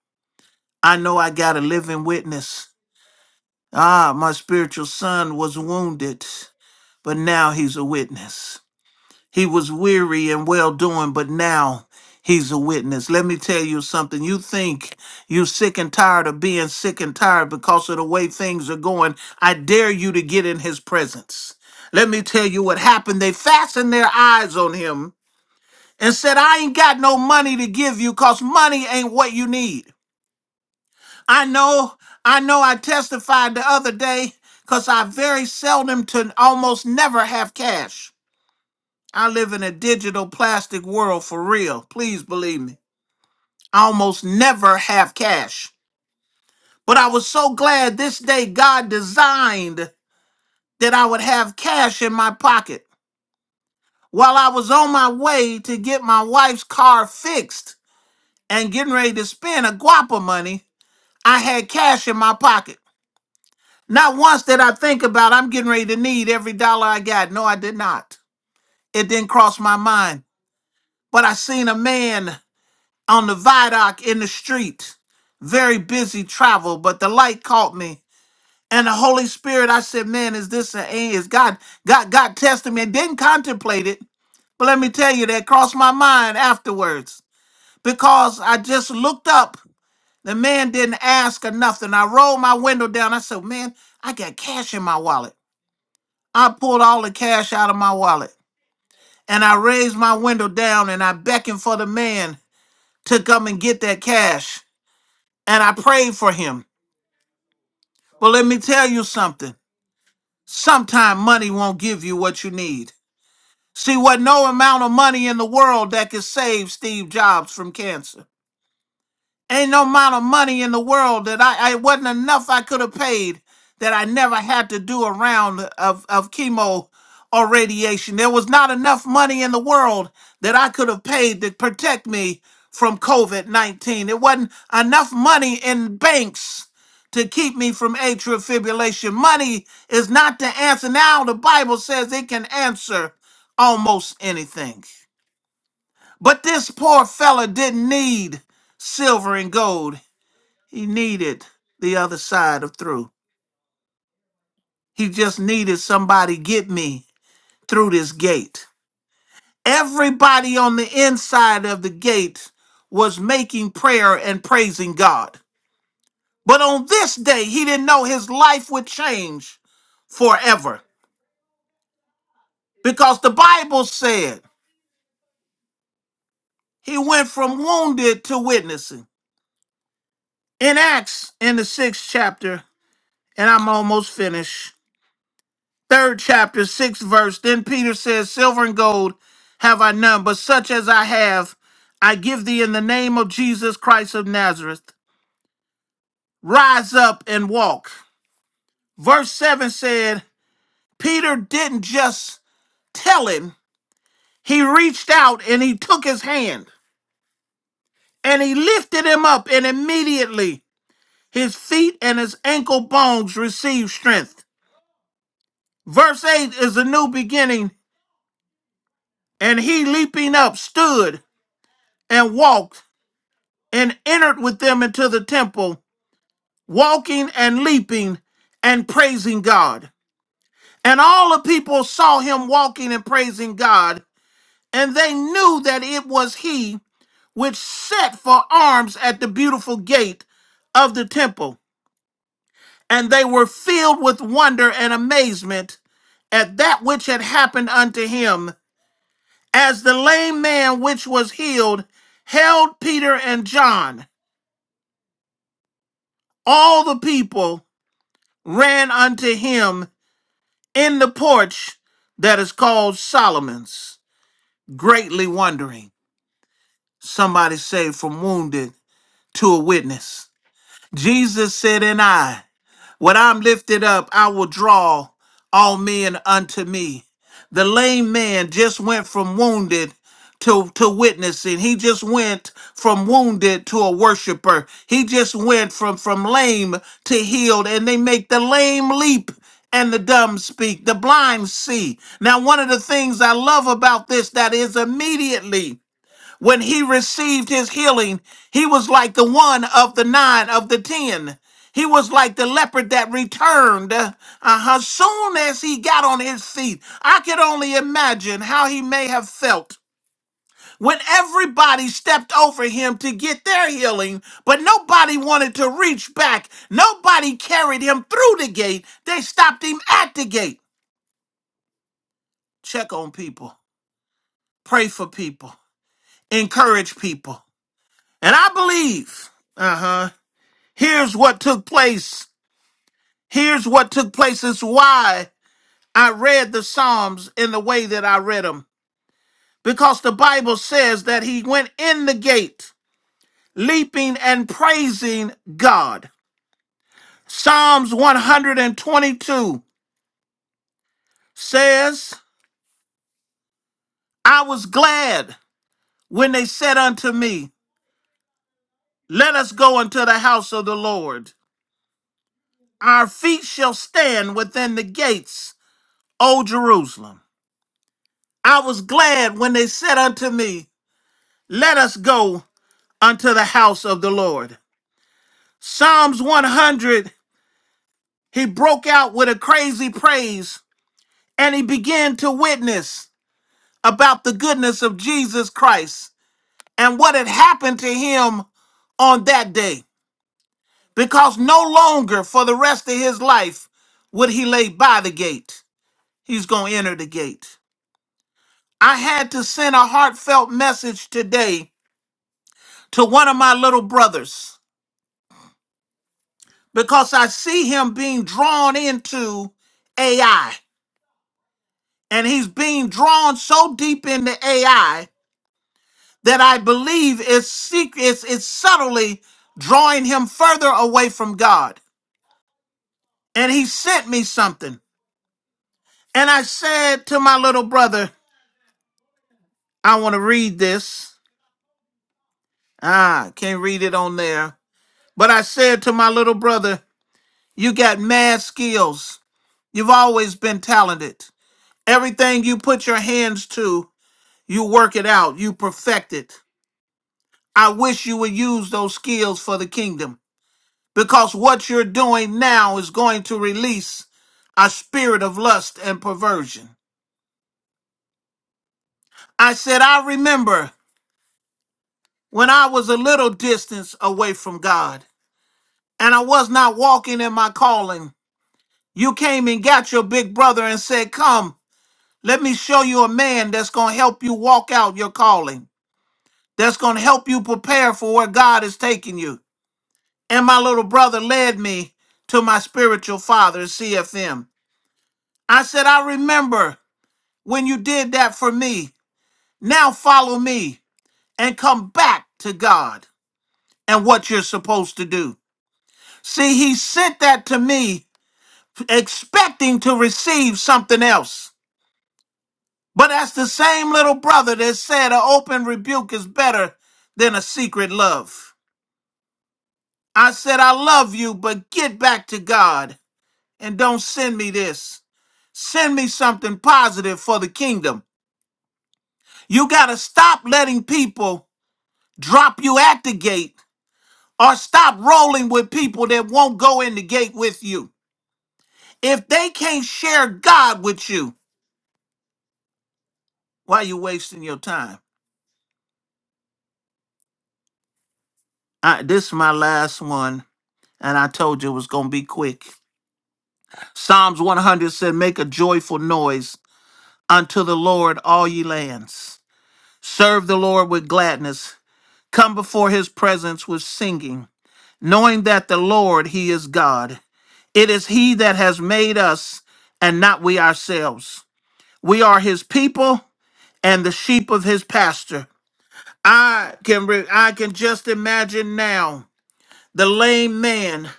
S3: I know I got a living witness. Ah, my spiritual son was wounded, but now he's a witness. He was weary and well doing, but now he's a witness. Let me tell you something. You think you're sick and tired of being sick and tired because of the way things are going. I dare you to get in his presence. Let me tell you what happened. They fastened their eyes on him and said, I ain't got no money to give you because money ain't what you need. I know, I know I testified the other day because I very seldom to almost never have cash. I live in a digital plastic world for real. Please believe me. I almost never have cash. But I was so glad this day God designed that I would have cash in my pocket. While I was on my way to get my wife's car fixed and getting ready to spend a guapa money, I had cash in my pocket. Not once did I think about I'm getting ready to need every dollar I got. No, I did not. It didn't cross my mind. But I seen a man. on the viaduct in the street. Very busy travel, but the light caught me. And the Holy Spirit, I said, man, is this an A? Is God, God, God tested me? I didn't contemplate it, but let me tell you, that crossed my mind afterwards because I just looked up. The man didn't ask or nothing. I rolled my window down. I said, man, I got cash in my wallet. I pulled all the cash out of my wallet and I raised my window down and I beckoned for the man to come and get that cash. And I prayed for him. Well, let me tell you something. Sometime money won't give you what you need. See, what no amount of money in the world that could save Steve Jobs from cancer. Ain't no amount of money in the world that I, I wasn't enough I could have paid that I never had to do a round of, of chemo or radiation. There was not enough money in the world that I could have paid to protect me from COVID 19. There wasn't enough money in banks to keep me from atrial fibrillation. Money is not the answer. Now the Bible says it can answer almost anything. But this poor fella didn't need silver and gold. He needed the other side of through. He just needed somebody get me through this gate. Everybody on the inside of the gate was making prayer and praising God. But on this day, he didn't know his life would change forever because the Bible said he went from wounded to witnessing. In Acts, in the sixth chapter, and I'm almost finished, Third chapter, sixth verse. Then Peter says, Silver and gold have I none, but such as I have, I give thee in the name of Jesus Christ of Nazareth. Rise up and walk. Verse 7 said, Peter didn't just tell him, he reached out and he took his hand and he lifted him up, and immediately his feet and his ankle bones received strength. Verse 8 is a new beginning, and he leaping up stood and walked and entered with them into the temple, walking and leaping and praising God. And all the people saw him walking and praising God, and they knew that it was he which set for arms at the beautiful gate of the temple. And they were filled with wonder and amazement at that which had happened unto him, as the lame man which was healed held Peter and John. All the people ran unto him in the porch that is called Solomon's, greatly wondering. Somebody say, from wounded to a witness. Jesus said, and I. When I'm lifted up, I will draw all men unto me. The lame man just went from wounded to, to witnessing. He just went from wounded to a worshiper. He just went from, from lame to healed, and they make the lame leap and the dumb speak, the blind see. Now, one of the things I love about this that is immediately when he received his healing, he was like the one of the nine of the ten. He was like the leopard that returned. Uh huh. Soon as he got on his feet, I could only imagine how he may have felt when everybody stepped over him to get their healing, but nobody wanted to reach back. Nobody carried him through the gate. They stopped him at the gate. Check on people, pray for people, encourage people. And I believe. Uh huh. Here's what took place. Here's what took place. It's why I read the Psalms in the way that I read them. Because the Bible says that he went in the gate, leaping and praising God. Psalms 122 says, I was glad when they said unto me, Let us go unto the house of the Lord. Our feet shall stand within the gates, O Jerusalem. I was glad when they said unto me, Let us go unto the house of the Lord. Psalms 100, he broke out with a crazy praise and he began to witness about the goodness of Jesus Christ and what had happened to him on that day. Because no longer for the rest of his life would he lay by the gate, he's going to enter the gate. I had to send a heartfelt message today to one of my little brothers. because I see him being drawn into AI. And he's being drawn so deep into AI that I believe it's secret, it's, it's subtly drawing him further away from God. And he sent me something. And I said to my little brother, I want to read this. Ah, can't read it on there. But I said to my little brother, You got mad skills. You've always been talented. Everything you put your hands to You work it out. You perfect it. I wish you would use those skills for the kingdom because what you're doing now is going to release a spirit of lust and perversion. I said, I remember when I was a little distance away from God and I was not walking in my calling. You came and got your big brother and said, Come, let me show you a man that's going to help you walk out your calling, that's going to help you prepare for where God is taking you. and my little brother led me to my spiritual father, CFM. I said, I remember when you did that for me. Now follow me and come back to God and what you're supposed to do. See, he sent that to me expecting to receive something else. But that's the same little brother that said an open rebuke is better than a secret love. I said, I love you, but get back to God and don't send me this. Send me something positive for the kingdom. You got to stop letting people drop you at the gate or stop rolling with people that won't go in the gate with you. If they can't share God with you, why are you wasting your time? I, this is my last one, and I told you it was going to be quick. Psalms 100 said, Make a joyful noise unto the Lord, all ye lands. Serve the Lord with gladness. Come before his presence with singing. knowing that the Lord, He is God. It is He that has made us and not we ourselves. We are His people and the sheep of His pasture. I can, re- I can just imagine now the lame man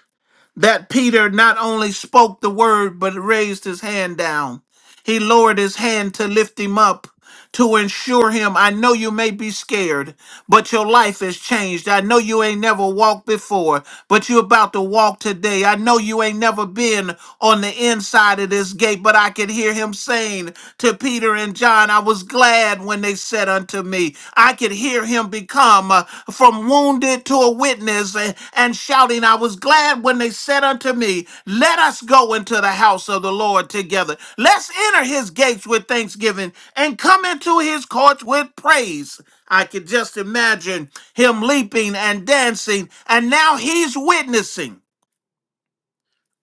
S3: that Peter not only spoke the word, but raised his hand down. He lowered his hand to lift him up to ensure him, I know you may be scared but your life has changed. I know you ain't never walked before, but you're about to walk today. I know you ain't never been on the inside of this gate, but I can hear him saying to Peter and John, I was glad when they said unto me, I could hear him become uh, from wounded to a witness uh, and shouting, I was glad when they said unto me, Let us go into the house of the Lord together. Let's enter his gates with thanksgiving and come into his courts with praise. I could just imagine him leaping and dancing, and now he's witnessing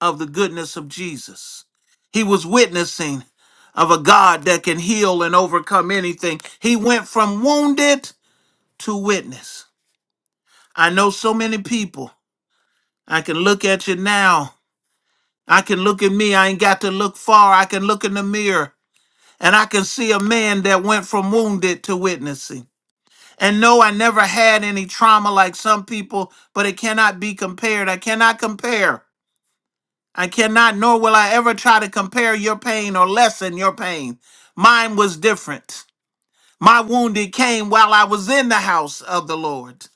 S3: of the goodness of Jesus. He was witnessing of a God that can heal and overcome anything. He went from wounded to witness. I know so many people. I can look at you now. I can look at me. I ain't got to look far. I can look in the mirror and I can see a man that went from wounded to witnessing. And no, I never had any trauma like some people, but it cannot be compared. I cannot compare. I cannot, nor will I ever try to compare your pain or lessen your pain. Mine was different. My wounded came while I was in the house of the Lord.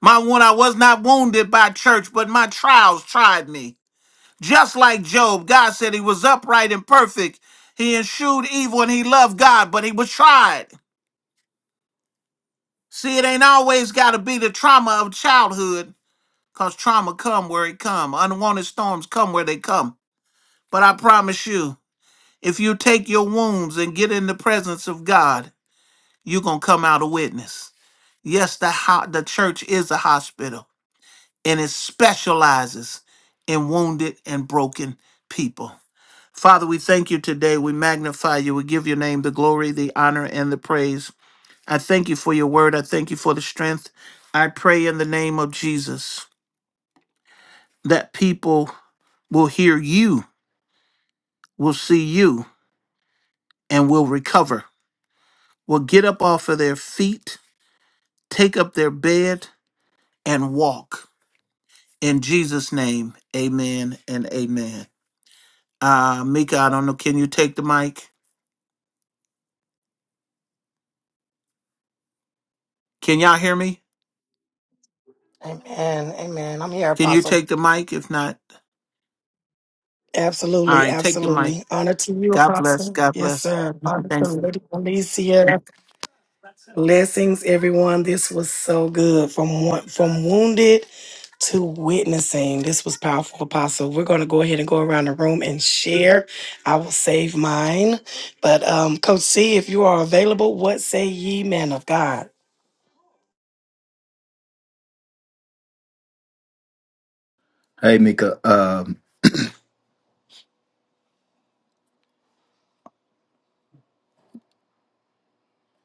S3: My wound, I was not wounded by church, but my trials tried me. Just like Job, God said he was upright and perfect. He eschewed evil and he loved God, but he was tried. See, it ain't always got to be the trauma of childhood. Cause trauma come where it come. Unwanted storms come where they come. But I promise you, if you take your wounds and get in the presence of God, you're gonna come out a witness. Yes, the ho- the church is a hospital, and it specializes in wounded and broken people. Father, we thank you today. We magnify you. We give your name the glory, the honor, and the praise. I thank you for your word. I thank you for the strength. I pray in the name of Jesus that people will hear you will see you and will recover, will get up off of their feet, take up their bed, and walk. In Jesus' name, amen and amen. Uh, Mika, I don't know. Can you take the mic? Can y'all hear me?
S1: Amen. Amen. I'm here,
S3: Can you
S1: Apostle.
S3: take the mic? If not, all
S1: Absolutely.
S3: right, take the mic.
S1: Absolutely. Honor to you,
S3: God bless.
S1: Apostle.
S3: God
S1: Yes,
S3: bless.
S1: sir. Honor to
S3: Thanks.
S1: Lady Alicia. Blessings, everyone. This was so good. From wo- from wounded to witnessing. This was powerful, Apostle. We're going to go ahead and go around the room and share. I will save mine. But, um, Coach C, if you are available, what say ye, man of God?
S5: Hey, Mika. Um,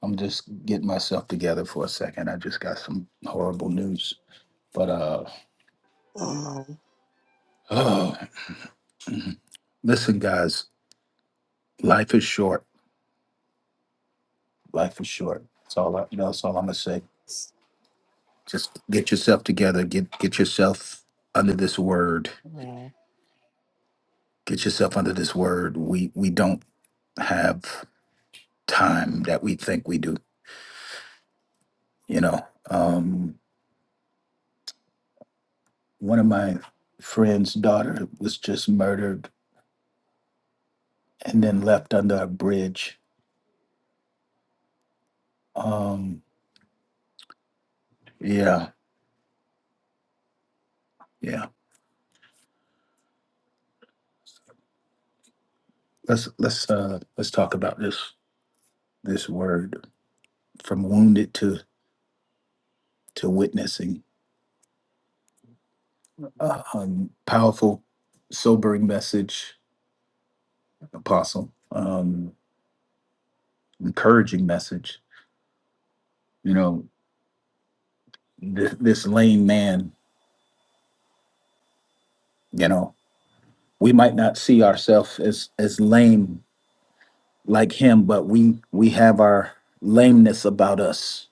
S5: I'm just getting myself together for a second. I just got some horrible news. But uh,
S1: Mhm.
S5: oh, listen, guys, life is short. Life is short. That's all. I, that's all I'm gonna say. Just get yourself together. Get get yourself under this word. Get yourself under this word. We we don't have time that we think we do. You know. Um, one of my friend's daughter was just murdered and then left under a bridge. Um, Yeah, yeah. Let's let's uh let's talk about this this word from wounded to to witnessing. Uh, um, powerful, sobering message, apostle. Um, encouraging message. You know, this this lame man. You know, we might not see ourselves as as lame like him, but we we have our lameness about us.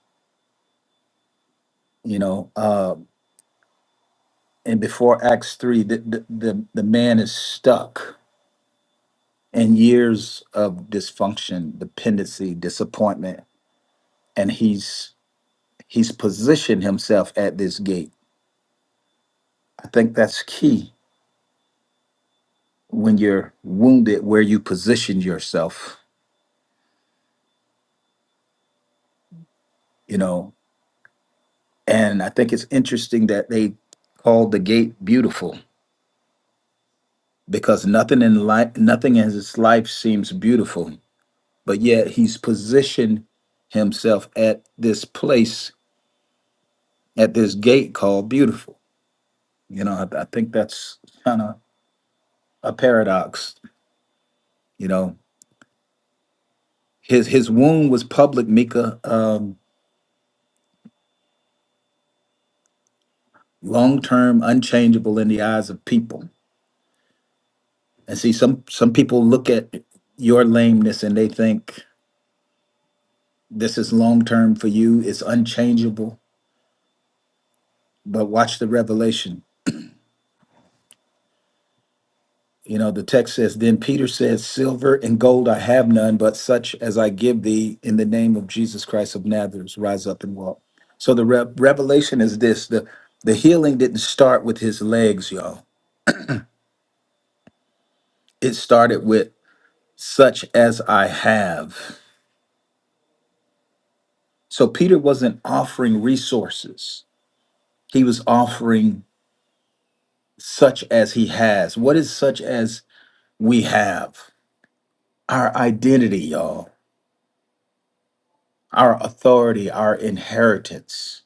S5: You know, uh, and before Acts three, the the the, the man is stuck and years of dysfunction, dependency, disappointment, and he's he's positioned himself at this gate. I think that's key when you're wounded where you position yourself, you know. And I think it's interesting that they called the gate beautiful because nothing in life nothing in his life seems beautiful, but yet he's positioned himself at this place at this gate called beautiful. You know, I, I think that's kind of a paradox. You know, his his wound was public, Mika, um, long term, unchangeable in the eyes of people. And see, some some people look at your lameness and they think this is long term for you. It's unchangeable. But watch the revelation. You know, the text says, Then Peter says, Silver and gold I have none, but such as I give thee in the name of Jesus Christ of Nazareth, rise up and walk. So the re- revelation is this the the healing didn't start with his legs, y'all It started with such as I have. So Peter wasn't offering resources, he was offering such as he has. What is such as we have? Our identity, y'all, our authority, our inheritance.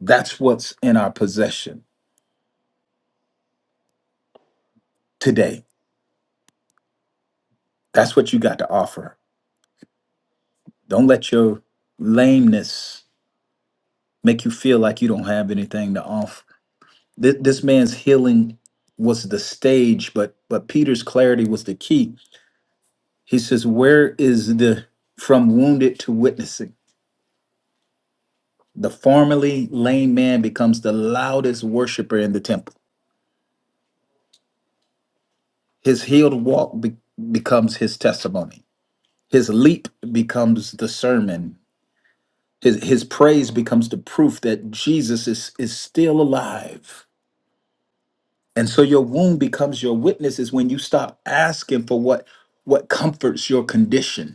S5: That's what's in our possession today. That's what you got to offer. Don't let your lameness make you feel like you don't have anything to offer Th- this man's healing was the stage, but but Peter's clarity was the key. He says, "Where is the from wounded to witnessing? The formerly lame man becomes the loudest worshiper in the temple. His healed walk be- becomes his testimony. His leap becomes the sermon. His his praise becomes the proof that Jesus is is still alive." And so your wound becomes your witness is when you stop asking for what what comforts your condition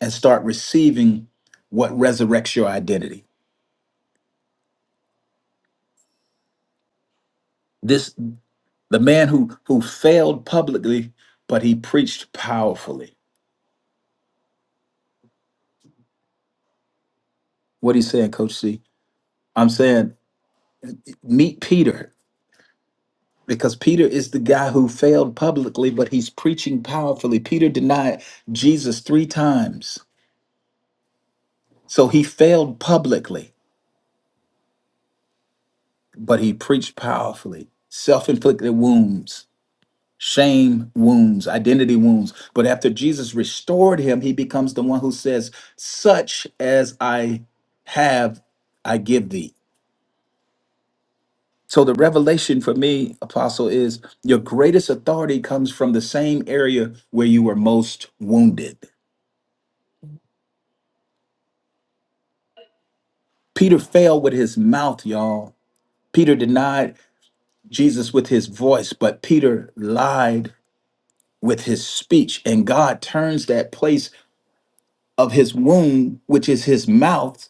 S5: and start receiving what resurrects your identity. This the man who who failed publicly, but he preached powerfully. What are you saying, Coach C? I'm saying meet Peter because Peter is the guy who failed publicly, but he's preaching powerfully. Peter denied Jesus three times. So he failed publicly, but he preached powerfully. Self inflicted wounds. shame wounds, identity wounds. But after Jesus restored him, he becomes the one who says, Such as I have, I give thee. So the revelation for me, Apostle, is your greatest authority comes from the same area where you were most wounded. Peter fell with his mouth, y'all. Peter denied Jesus with his voice, but Peter lied with his speech. And God turns that place of his wound, which is his mouth,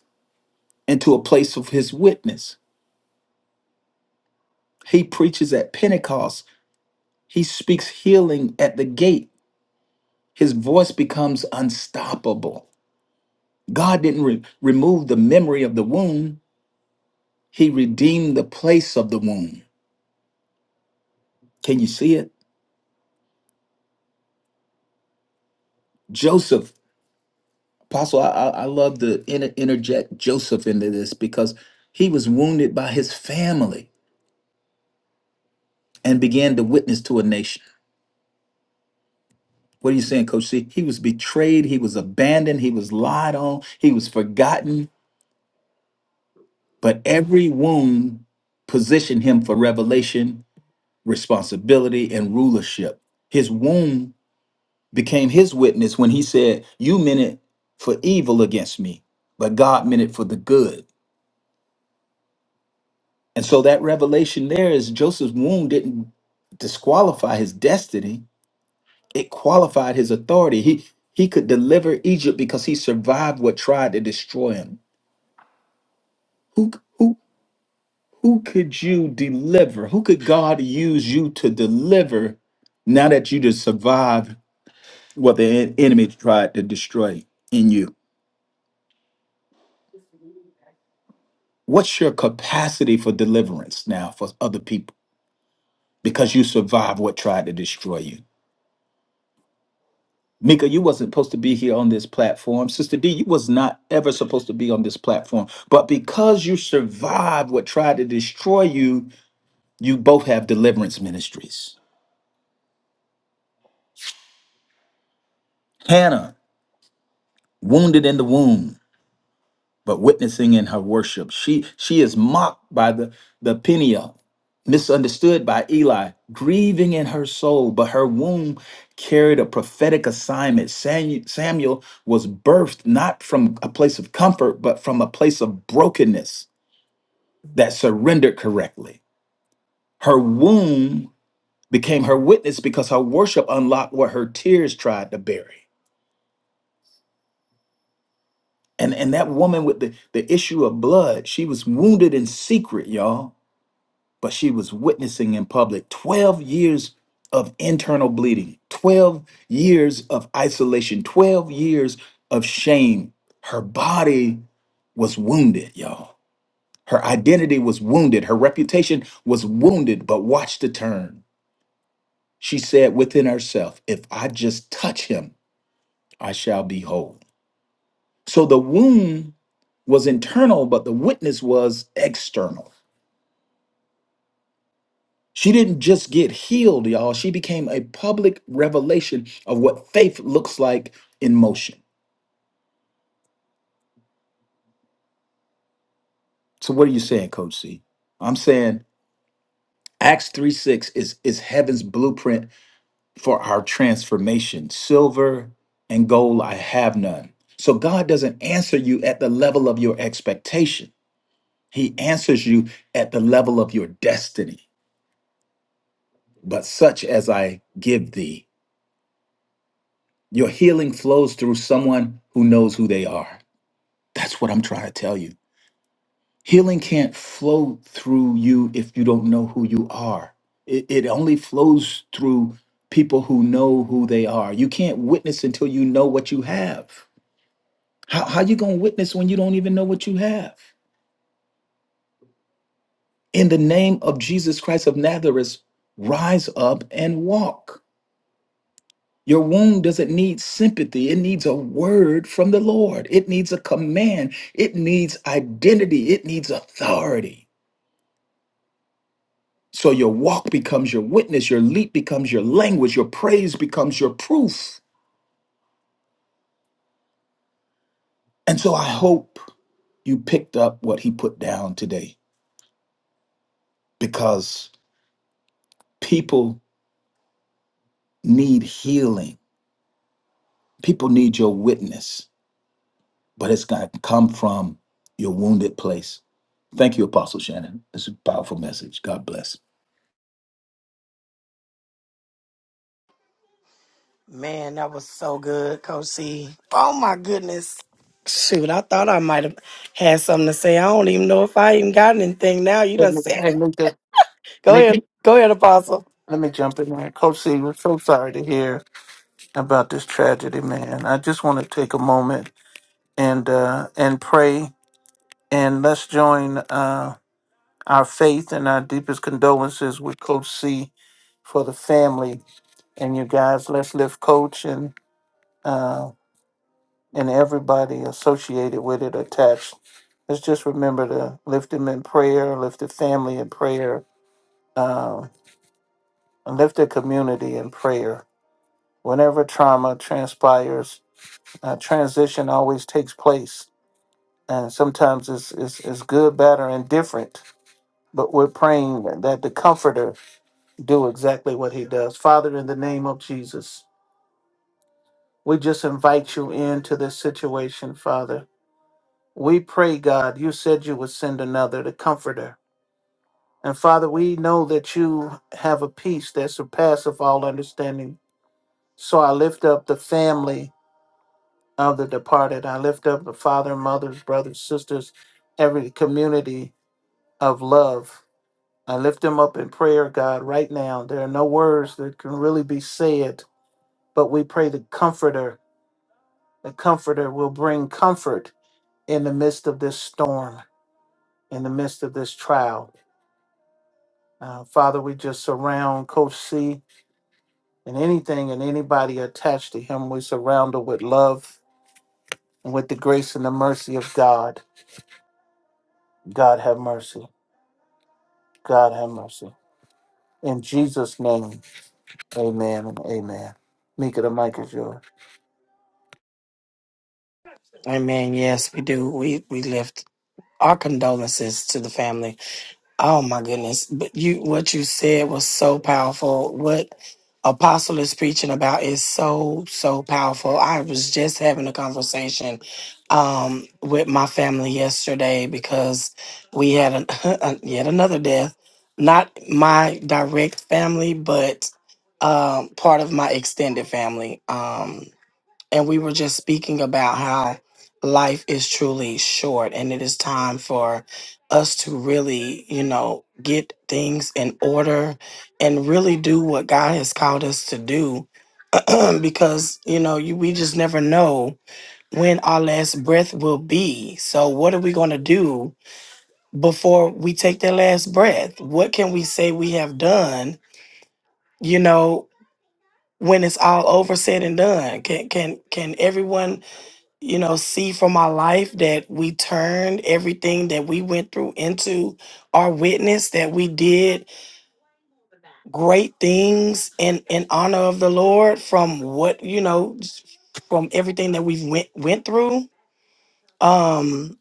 S5: into a place of his witness. He preaches at Pentecost. He speaks healing at the gate. His voice becomes unstoppable. God didn't re- remove the memory of the womb, he redeemed the place of the womb. Can you see it? Joseph, Apostle, I, I, I love to inter- interject Joseph into this because he was wounded by his family and began to witness to a nation. What are you saying, Coach C? He was betrayed. He was abandoned. He was lied on. He was forgotten But every wound positioned him for revelation, responsibility, and rulership. His wound became his witness when he said, You meant it for evil against me, but God meant it for the good. And so that revelation there is Joseph's wound didn't disqualify his destiny, it qualified his authority. He he could deliver Egypt because he survived what tried to destroy him. Who who Who could you deliver? Who could God use you to deliver now that you just survived what the en- enemy tried to destroy in you? What's your capacity for deliverance now for other people because you survived what tried to destroy you? Mika, you wasn't supposed to be here on this platform. Sister D, you was not ever supposed to be on this platform. But because you survived what tried to destroy you, you both have deliverance ministries. Hannah, wounded in the womb. but witnessing in her worship. She she is mocked by the the Peniel, misunderstood by Eli, grieving in her soul, but her womb carried a prophetic assignment. Samu- Samuel was birthed not from a place of comfort, but from a place of brokenness that surrendered correctly. Her womb became her witness because her worship unlocked what her tears tried to bury. And, and that woman with the, the issue of blood, she was wounded in secret, y'all but she was witnessing in public 12 years of internal bleeding, 12 years of isolation, 12 years of shame. Her body was wounded, y'all. Her identity was wounded. Her reputation was wounded, but watch the turn. She said within herself, If I just touch him, I shall be whole. So the wound was internal, but the witness was external. She didn't just get healed, y'all. She became a public revelation of what faith looks like in motion. So what are you saying, Coach C? I'm saying Acts 3 6 is, is heaven's blueprint for our transformation. Silver and gold I have none. So God doesn't answer you at the level of your expectation. He answers you at the level of your destiny. But such as I give thee, your healing flows through someone who knows who they are. That's what I'm trying to tell you. Healing can't flow through you if you don't know who you are. It, it only flows through people who know who they are. You can't witness until you know what you have. How, how you going to witness when you don't even know what you have? In the name of Jesus Christ of Nazareth, rise up and walk. Your wound doesn't need sympathy. It needs a word from the Lord. It needs a command. It needs identity. It needs authority. So your walk becomes your witness, your leap becomes your language, your praise becomes your proof. And so I hope you picked up what he put down today because people need healing. People need your witness, but it's going to come from your wounded place. Thank you, Apostle Shannon. It's a powerful message. God bless.
S1: Man, that was so good, Coach C. Oh my goodness. Shoot, I thought I might have had something to say. I don't even know if I even got anything now. You done said
S3: Hey,
S1: it.
S3: Mika,
S1: Go ahead.
S3: Mika,
S1: Go ahead, Apostle.
S3: let me jump in there. Coach C, we're so sorry to hear about this tragedy, man. I just want to take a moment and uh, and pray And let's join uh, our faith and our deepest condolences with Coach C for the family. And you guys, let's lift Coach and uh, and everybody associated with it attached. Let's just remember to lift them in prayer, lift the family in prayer, uh, and lift the community in prayer. Whenever trauma transpires, uh, transition always takes place. And sometimes it's, it's, it's good, bad, or indifferent. But we're praying that the comforter do exactly what he does. Father, in the name of Jesus, we just invite you into this situation, Father. We pray, God, you said you would send another, the comforter. And Father, we know that you have a peace that surpasses all understanding. So I lift up the family of the departed. I lift up the father, mothers, brothers, sisters, every community of love. I lift them up in prayer, God, right now. There are no words that can really be said, but we pray the comforter The Comforter will bring comfort in the midst of this storm, in the midst of this trial. Uh, Father, we just surround Coach C and anything and anybody attached to him. We surround her with love and with the grace and the mercy of God. God have mercy. God have mercy. In Jesus' name, amen and amen. Mika, the mic is yours.
S1: Amen. Yes, we do. We we lift our condolences to the family Oh my goodness. But you what you said was so powerful. What Apostle is preaching about is so, so powerful. I was just having a conversation um with my family yesterday because we had an, an- yet another death. Not my direct family, but um part of my extended family. Um and we were just speaking about how life is truly short and it is time for us to really, you know, get things in order and really do what God has called us to do because, you know, you, we just never know when our last breath will be. So what are we going to do before we take that last breath? What can we say we have done, you know, when it's all over said and done? Can can can everyone you know, see from my life that we turned everything that we went through into our witness, that we did great things in, in honor of the Lord from what, you know, from everything that we went went through. Um,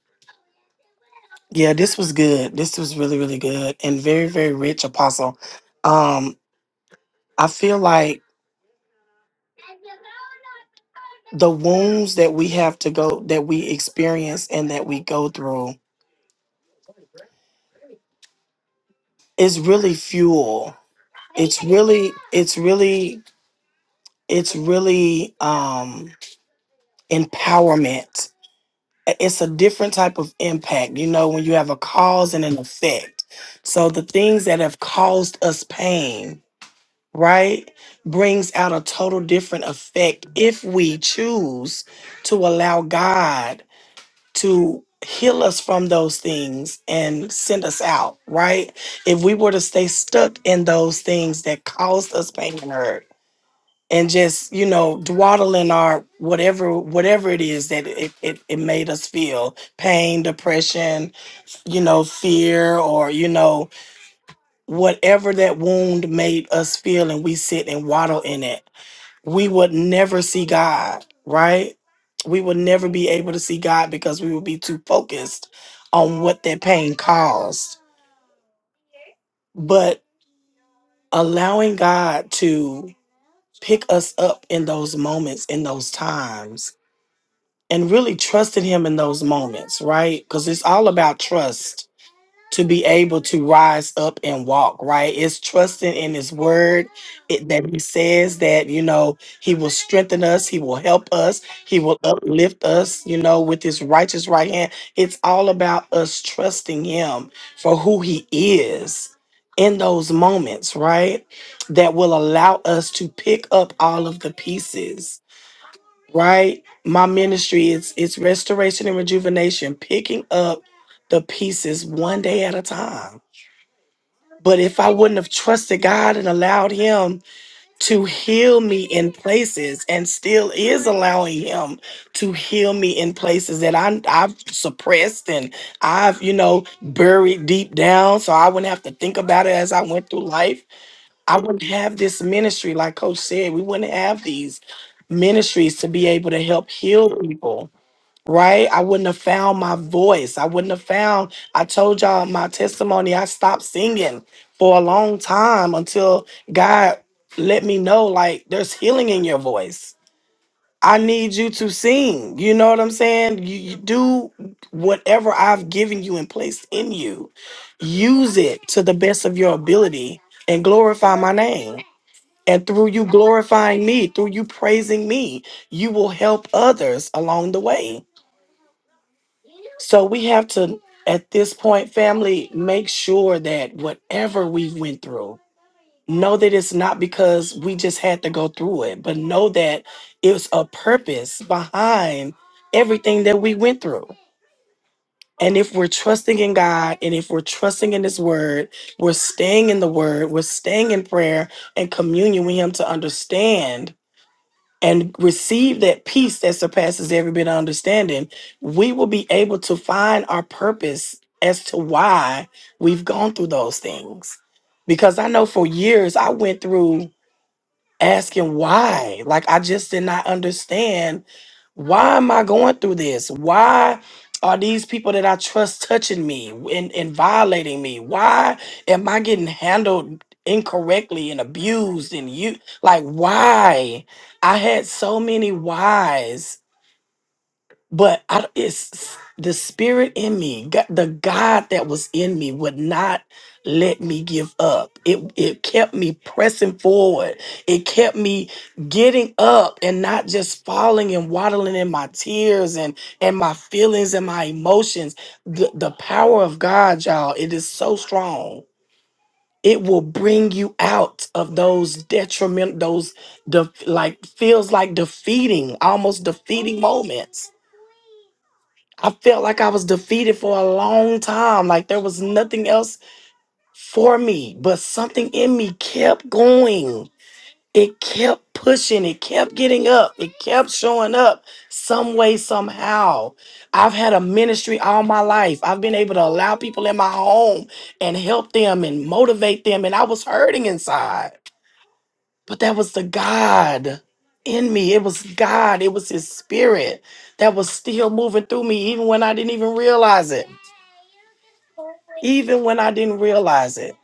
S1: yeah, this was good. This was really, really good and very, very rich apostle. Um, I feel like the wounds that we have to go that we experience and that we go through is really fuel it's really it's really it's really um empowerment it's a different type of impact you know when you have a cause and an effect so the things that have caused us pain right brings out a total different effect if we choose to allow god to heal us from those things and send us out right if we were to stay stuck in those things that caused us pain and hurt and just you know dwaddling our whatever whatever it is that it, it, it made us feel pain depression you know fear or you know whatever that wound made us feel and we sit and waddle in it we would never see god right we would never be able to see god because we would be too focused on what that pain caused but allowing god to pick us up in those moments in those times and really trusting him in those moments, right? Because it's all about trust to be able to rise up and walk, right? It's trusting in his word it, that he says that, you know, he will strengthen us, he will help us, he will uplift us, you know, with his righteous right hand. It's all about us trusting him for who he is in those moments, right? That will allow us to pick up all of the pieces right? My ministry it's it's restoration and rejuvenation, picking up the pieces one day at a time. But if I wouldn't have trusted God and allowed him to heal me in places and still is allowing him to heal me in places that I I've suppressed and I've, you know, buried deep down so I wouldn't have to think about it as I went through life I wouldn't have this ministry, like Coach said, we wouldn't have these ministries to be able to help heal people, right? I wouldn't have found my voice. I wouldn't have found, I told y'all my testimony, I stopped singing for a long time until God let me know, like, there's healing in your voice. I need you to sing. You know what I'm saying? You, you do whatever I've given you and placed in you. Use it to the best of your ability and glorify my name. And through you glorifying me, through you praising me, you will help others along the way. So we have to, at this point, family, make sure that whatever we went through, know that it's not because we just had to go through it, but know that it's a purpose behind everything that we went through. And if we're trusting in God and if we're trusting in His Word, we're staying in the Word, we're staying in prayer and communion with Him to understand and receive that peace that surpasses every bit of understanding, we will be able to find our purpose as to why we've gone through those things. Because I know for years I went through asking why. Like I just did not understand why am I going through this? Why are these people that I trust touching me and, and violating me? Why am I getting handled incorrectly and abused and you like why? I had so many whys but I, d- it's the spirit in me God, the god that was in me would not let me give up it it kept me pressing forward it kept me getting up and not just falling and waddling in my tears and and my feelings and my emotions the, the power of god y'all it is so strong it will bring you out of those detriment those def like feels like defeating almost defeating moments I felt like I was defeated for a long time. Like there was nothing else for me, but something in me kept going. It kept pushing. It kept getting up. It kept showing up some way, somehow. I've had a ministry all my life. I've been able to allow people in my home and help them and motivate them. And I was hurting inside. But that was the God in me. It was God. It was His Spirit that was still moving through me, even when I didn't even realize it. Even when I didn't realize it.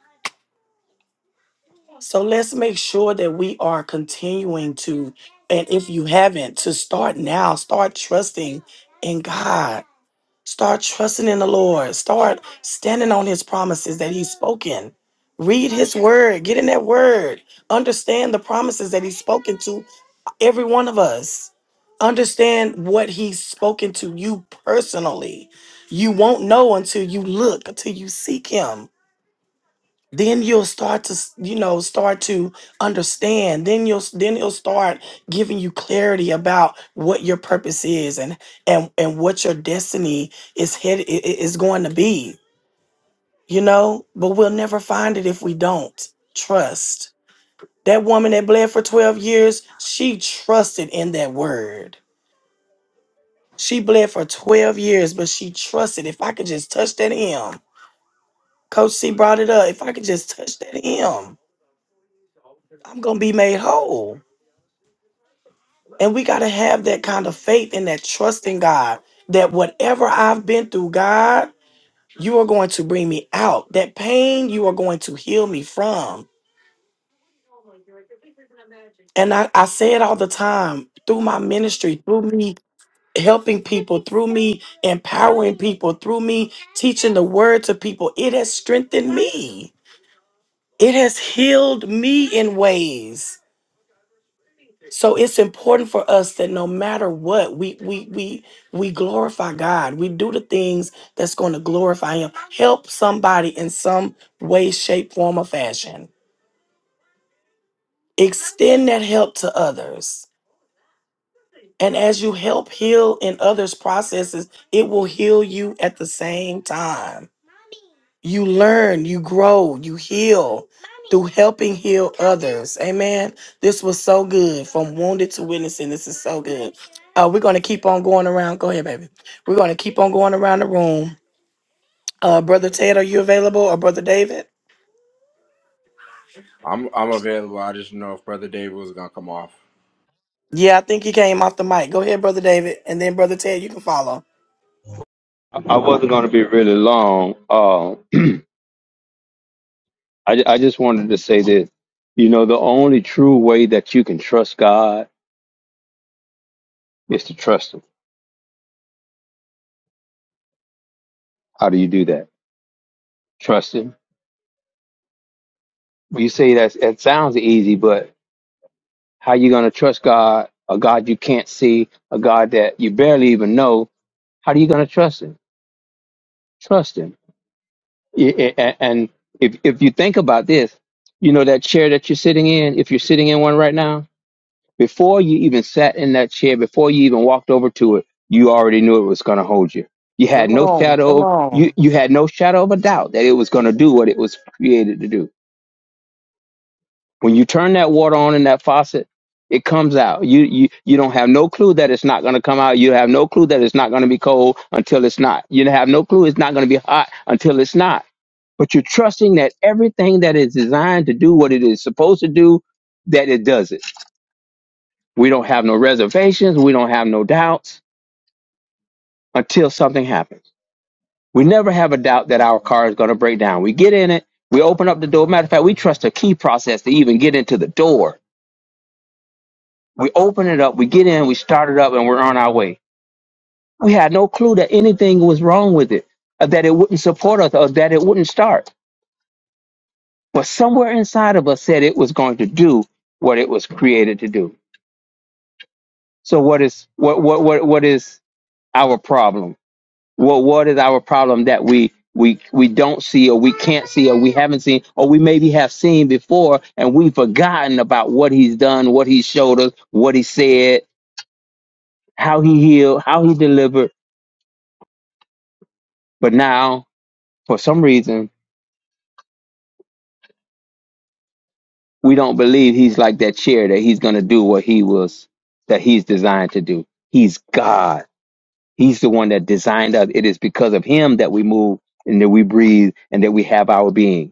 S1: So let's make sure that we are continuing to, and if you haven't, to start now, start trusting in God. Start trusting in the Lord. Start standing on His promises that He's spoken. Read His word. Get in that word. Understand the promises that He's spoken to every one of us understand what he's spoken to you personally you won't know until you look until you seek him then you'll start to s- you know start to understand then you'll s- then he'll start giving you clarity about what your purpose is and and and what your destiny is headed i- i- is going to be you know but we'll never find it if we don't trust that woman that bled for 12 years she trusted in that word She bled for 12 years, but she trusted if I could just touch that hem. Coach C brought it up. If I could just touch that hem, I'm going to be made whole. And we got to have that kind of faith and that trust in God that whatever I've been through, God, you are going to bring me out. That pain, you are going to heal me from. And I, I say it all the time through my ministry, through me helping people, through me empowering people, through me teaching the word to people. It has strengthened me. It has healed me in ways. So it's important for us that no matter what, we we we we glorify God. We do the things that's going to glorify him. Help somebody in some way, shape, form, or fashion. Extend that help to others. And as you help heal in others' processes, it will heal you at the same time. you learn, you grow, you heal through helping heal others. Amen. This was so good. From wounded to witnessing, this is so good. Uh, we're going to keep on going around. Go ahead, baby. We're going to keep on going around the room. Uh, Brother Ted, are you available or Brother David?
S4: I'm I'm available. I just know if Brother David was gonna come off.
S1: Yeah, I think he came off the mic. Go ahead, Brother David, and then Brother Ted, you can follow.
S6: I wasn't going to be really long. Uh, I, I just wanted to say this. You know, the only true way that you can trust God is to trust Him. How do you do that? Trust Him. Well, You say that it sounds easy, but how you going to trust God, a God you can't see, a God that you barely even know? How are you going to trust Him? Trust Him. I- I- a- And if if you think about this, you know that chair that you're sitting in. If you're sitting in one right now, Before you even sat in that chair, before you even walked over to it, you already knew it was going to hold you. You had
S1: Come
S6: no
S1: on,
S6: shadow
S1: come
S6: of, you,
S1: on.
S6: you had no shadow of a doubt that it was going to do what it was created to do. When you turn that water on in that faucet, it comes out. You you you don't have no clue that it's not going to come out. You have no clue that it's not going to be cold until it's not. You have no clue it's not going to be hot until it's not but you're trusting that everything that is designed to do what it is supposed to do that it does it we don't have no reservations. We don't have no doubts until something happens. We never have a doubt that our car is going to break down. We get in it. We open up the door. Matter of fact, we trust a key process to even get into the door. We open it up. We get in. We start it up and we're on our way. We had no clue that anything was wrong with it, or that it wouldn't support us, or that it wouldn't start. But somewhere inside of us said it was going to do what it was created to do. So what is what what what what is our problem? Well, what is our problem that we we we don't see or we can't see or we haven't seen or we maybe have seen before and we've forgotten about what he's done, what he showed us, what he said, how he healed, how he delivered. But now, for some reason, we don't believe he's like that chair that he's going to do what he was that he's designed to do. He's God. He's the one that designed us. It is because of him that we move and that we breathe and that we have our being.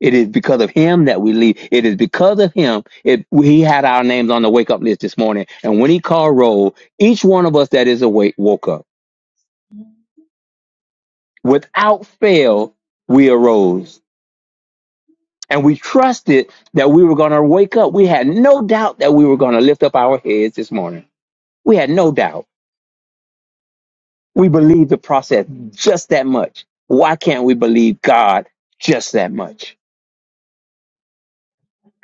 S6: It is because of him that we leave. It is because of him. It, he had our names on the wake up list this morning. And when he called roll, each one of us that is awake woke up. Without fail, we arose. And we trusted that we were going to wake up. We had no doubt that we were going to lift up our heads this morning. We had no doubt. We believed the process just that much. Why can't we believe God just that much?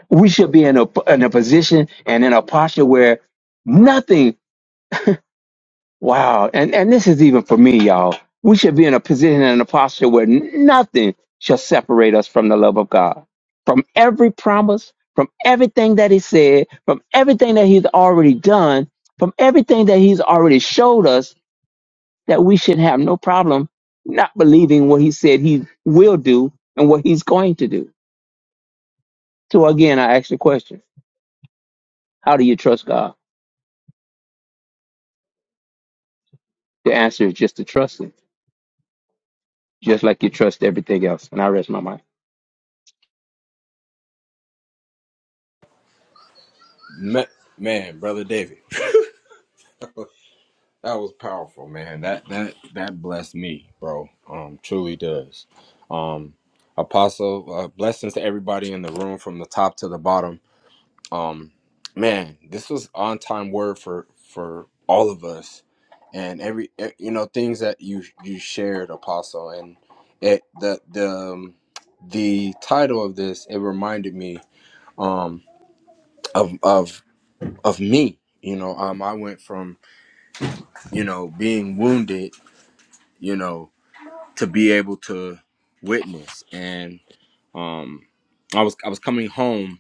S6: We should be in a, in a position and in a posture where nothing Wow. And and this is even for me, y'all. We should be in a position and a posture where n- nothing shall separate us from the love of God. From every promise, from everything that he said, from everything that he's already done, from everything that he's already showed us that we should have no problem not believing what he said he will do and what he's going to do. So again, I ask the question, how do you trust God? The answer is just to trust him, just like you trust everything else. And I rest my mind.
S4: Ma- Man, Brother David, that was powerful, man. That that that blessed me, bro. Um, truly does. Um, Apostle, uh, blessings to everybody in the room from the top to the bottom. Um, man, this was on time word for for all of us, and every eh, you know things that you you shared, Apostle, and it the the um, the title of this it reminded me um of of of me. You know, um, I went from you know being wounded, you know, to be able to witness, and um, I was I was coming home,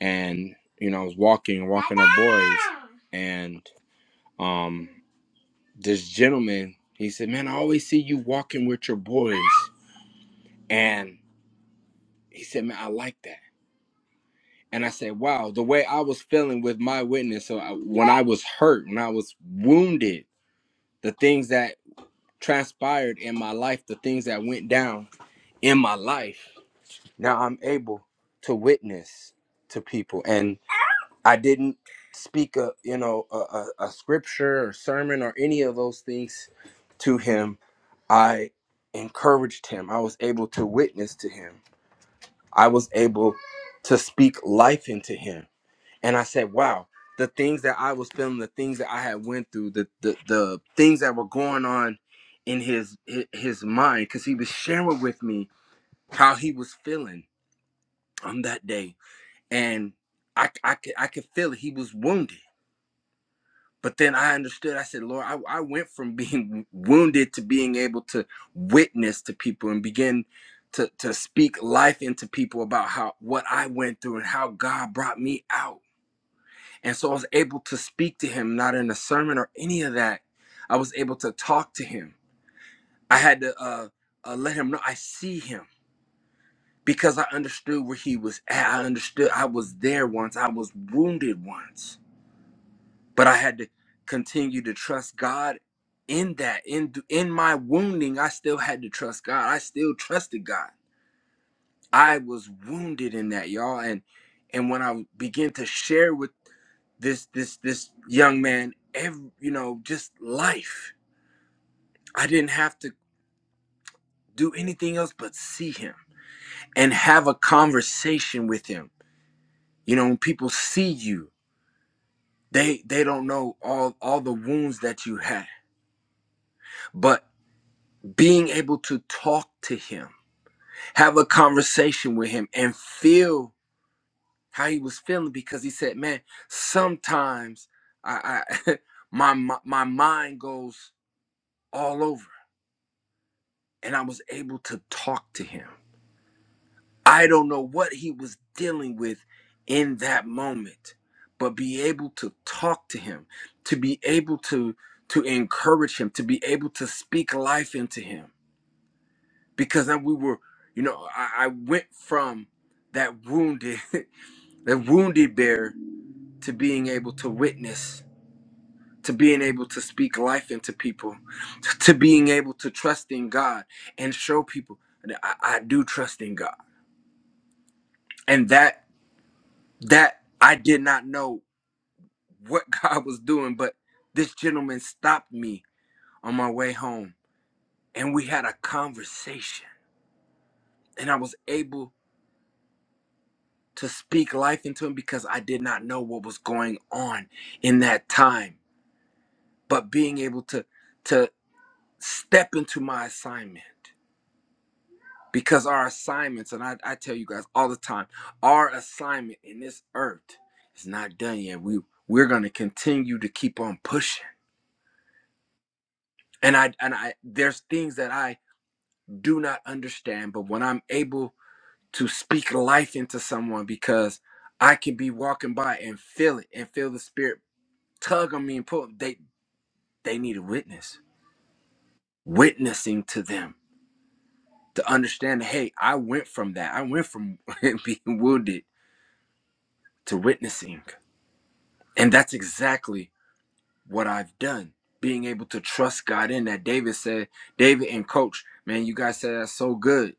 S4: and you know I was walking walking our boys, and. um this gentleman he said man i always see you walking with your boys and he said man i like that and i said wow the way i was feeling with my witness so I, when i was hurt when i was wounded the things that transpired in my life the things that went down in my life now i'm able to witness to people and." I didn't speak a you know a, a, a scripture or sermon or any of those things to him. I encouraged him. I was able to witness to him. I was able to speak life into him. And I said, wow, the things that I was feeling, the things that I had went through, the the, the things that were going on in his hi- his mind, because he was sharing with me how he was feeling on that day. And I, I could I could feel it. He was wounded But then I understood. I said, Lord, I, I went from being wounded to being able to witness to people and begin to, to speak life into people about how what I went through and how God brought me out. And so I was able to speak to him, not in a sermon or any of that. I was able to talk to him. I had to uh, uh, let him know I see him because I understood where he was at. I understood I was there once, I was wounded once but I had to continue to trust God in that in in my wounding I still had to trust God I still trusted God I was wounded in that y'all and and when I began to share with this this this young man every, you know just life I didn't have to do anything else but see him and have a conversation with him you know when people see you they they don't know all all the wounds that you had but being able to talk to him have a conversation with him and feel how he was feeling because he said, "Man, sometimes I, I my, my my mind goes all over." And I was able to talk to him. I don't know what he was dealing with in that moment, but be able to talk to him, to be able to to encourage him, to be able to speak life into him, because then we were, you know, I, I went from that wounded a wounded bear to being able to witness to being able to speak life into people to being able to trust in god and show people that i, I do trust in god and that that i did not know what god was doing but this gentleman stopped me on my way home and we had a conversation and i was able to speak life into him because i did not know what was going on in that time but being able to to step into my assignment because our assignments and I, I tell you guys all the time our assignment in this earth is not done yet we we're going to continue to keep on pushing and i and i there's things that i do not understand but when i'm able to speak life into someone because i can be walking by and feel it and feel the spirit tug on me and pull they they need a witness witnessing to them to understand that hey i went from that i went from being wounded to witnessing. And that's exactly what I've done. Being able to trust God in that. David said, David and coach, man, you guys said that's so good.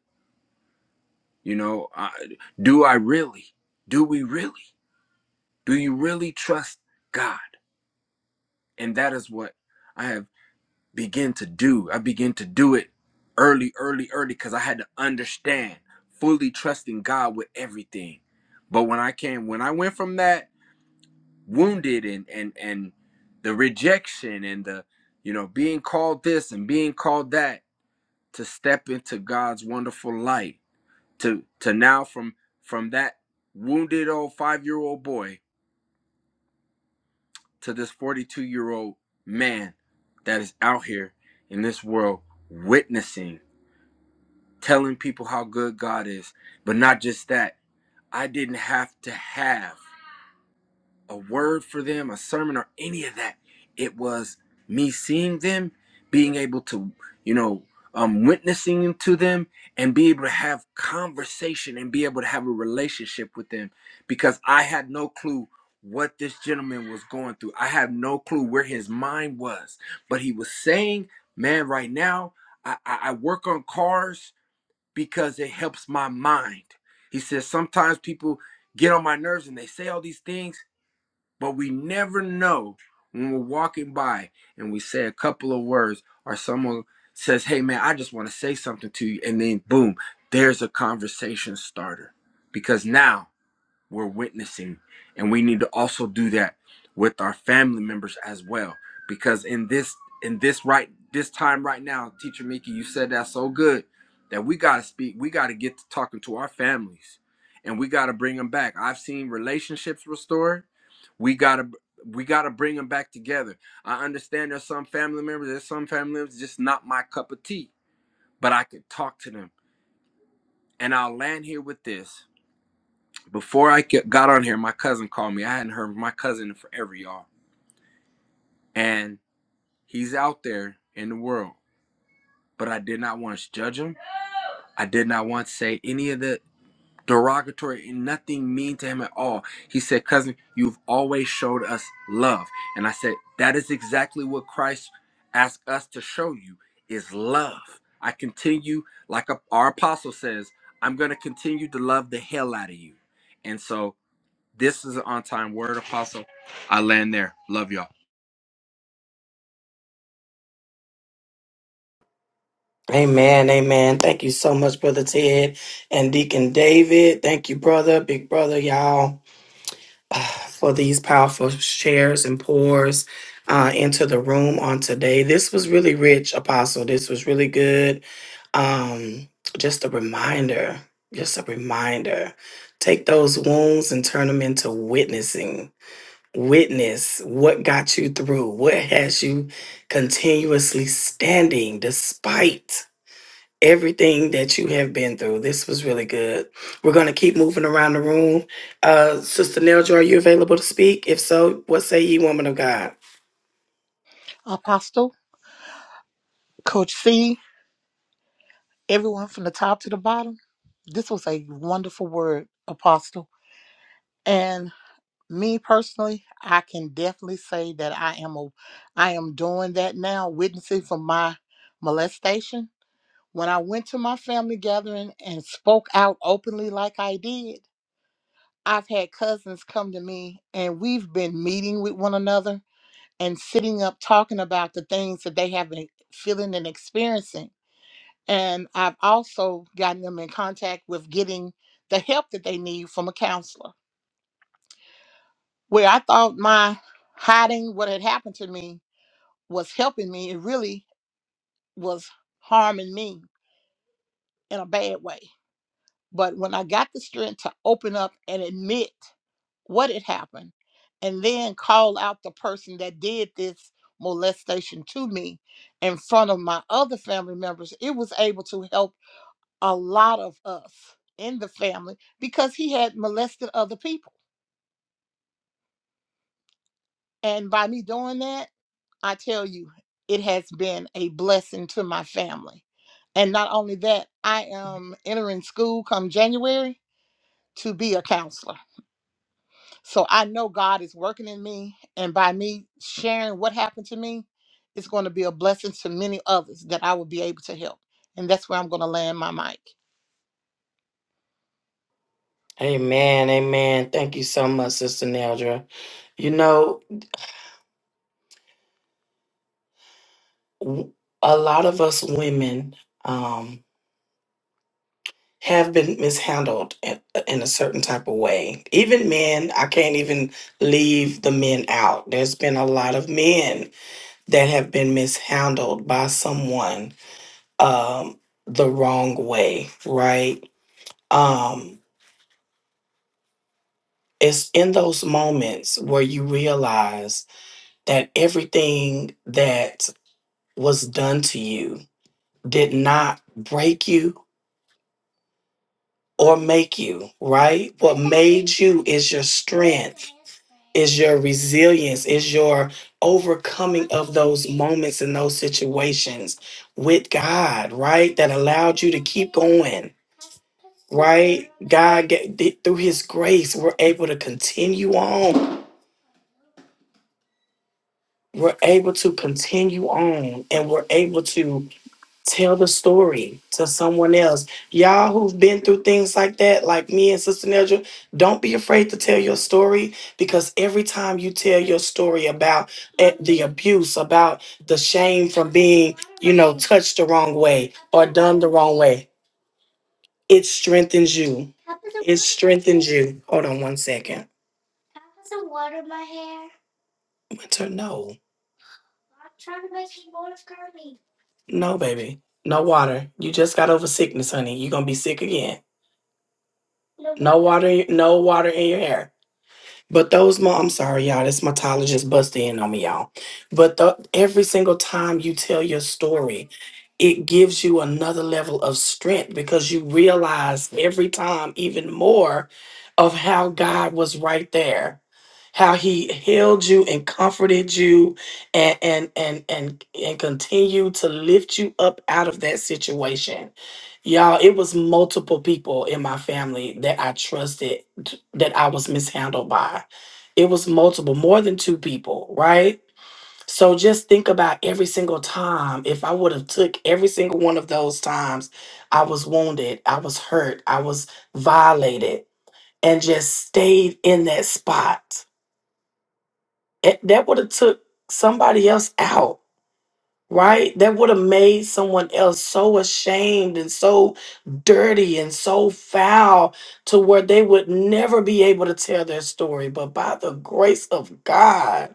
S4: You know, I, do I really? Do we really? Do you really trust God? And that is what I have begin to do. I begin to do it early, early, early because I had to understand fully trusting God with everything. But when I came, when I went from that wounded and and and the rejection and the you know being called this and being called that to step into God's wonderful light to to now from from that wounded old 5-year-old boy to this 42-year-old man that is out here in this world witnessing telling people how good God is but not just that I didn't have to have a word for them, a sermon, or any of that. It was me seeing them, being able to, you know, um, witnessing to them and be able to have conversation and be able to have a relationship with them because I had no clue what this gentleman was going through. I had no clue where his mind was, but he was saying, man, right now I, I, I work on cars because it helps my mind. He says, sometimes people get on my nerves and they say all these things but we never know when we're walking by and we say a couple of words or someone says, Hey man, I just want to say something to you. And then boom, there's a conversation starter. Because now we're witnessing. And we need to also do that with our family members as well. Because in this in this right this time right now, teacher Mickey, you said that so good that we gotta speak, we gotta get to talking to our families and we gotta bring them back. I've seen relationships restored. We gotta we gotta bring them back together. I understand there's some family members, there's some family members just not my cup of tea, but I could talk to them. And I'll land here with this before I got on here, my cousin called me. I hadn't heard from my cousin in forever, y'all. And he's out there in the world, but I did not want to judge him. I did not want to say any of the derogatory and nothing mean to him at all. He said, Cousin, you've always showed us love. And I said, That is exactly what Christ asked us to show you is love. I continue, like our apostle says, I'm going to continue to love the hell out of you. And so This is an on time word apostle. I land there. Love y'all.
S1: Amen, amen. Thank you so much, Brother Ted and Deacon David. Thank you, brother, big brother, y'all. for these powerful shares and pours uh, into the room on today. This was really rich, Apostle. This was really good. Um, just a reminder, just a reminder. Take those wounds and turn them into witnessing. Witness what got you through, what has you continuously standing despite everything that you have been through. This was really good. We're going to keep moving around the room. Uh, Sister Nelja, are you available to speak? If so, what say ye, woman of God?
S2: Apostle, Coach C, everyone from the top to the bottom. This was a wonderful word, Apostle. me personally i can definitely say that i am a i am doing that now witnessing from my molestation when i went to my family gathering and spoke out openly like i did i've had cousins come to me and we've been meeting with one another and sitting up talking about the things that they have been feeling and experiencing and i've also gotten them in contact with getting the help that they need from a counselor where I thought my hiding what had happened to me was helping me, it really was harming me in a bad way. But when I got the strength to open up and admit what had happened and then call out the person that did this molestation to me in front of my other family members, it was able to help a lot of us in the family because he had molested other people. And by me doing that, I tell you, it has been a blessing to my family. And not only that, I am entering school come January to be a counselor. So I know God is working in me. And by me sharing what happened to me, it's going to be a blessing to many others that I will be able to help. And that's where I'm going to land my mic.
S1: Amen. Amen. Thank you so much, Sister Neldra. You know, w- a lot of us women um, have been mishandled in, in a certain type of way. Even men, I can't even leave the men out. There's been a lot of men that have been mishandled by someone um, the wrong way, right? Um, it's in those moments where you realize that everything that was done to you did not break you or make you, right? What made you is your strength, is your resilience, is your overcoming of those moments and those situations with God, right? That allowed you to keep going right? God, ga- th- through His grace, we're able to continue on. We're able to continue on and we're able to tell the story to someone else. Y'all who've been through things like that, like me and Sister Nedra, don't be afraid to tell your story because every time you tell your story about eh, the abuse, about the shame from being, you know, touched the wrong way or done the wrong way, it strengthens you. It strengthens you. Hold on one second. To no, no, baby, no water. You just got over sickness, honey. You're gonna be sick again. No water, no water in your hair. But those, mo- I'm sorry, y'all. This mytologist busted in on me, y'all. But the, every single time you tell your story, it gives you another level of strength because you realize every time even more of how God was right there how he held you and comforted you and and and and, and continued to lift you up out of that situation y'all it was multiple people in my family that i trusted t- that i was mishandled by it was multiple more than two people right so just think about every single time if i would have took every single one of those times i was wounded i was hurt i was violated and just stayed in that spot it- that would have took somebody else out right that would have made someone else so ashamed and so dirty and so foul to where they would never be able to tell their story but by the grace of god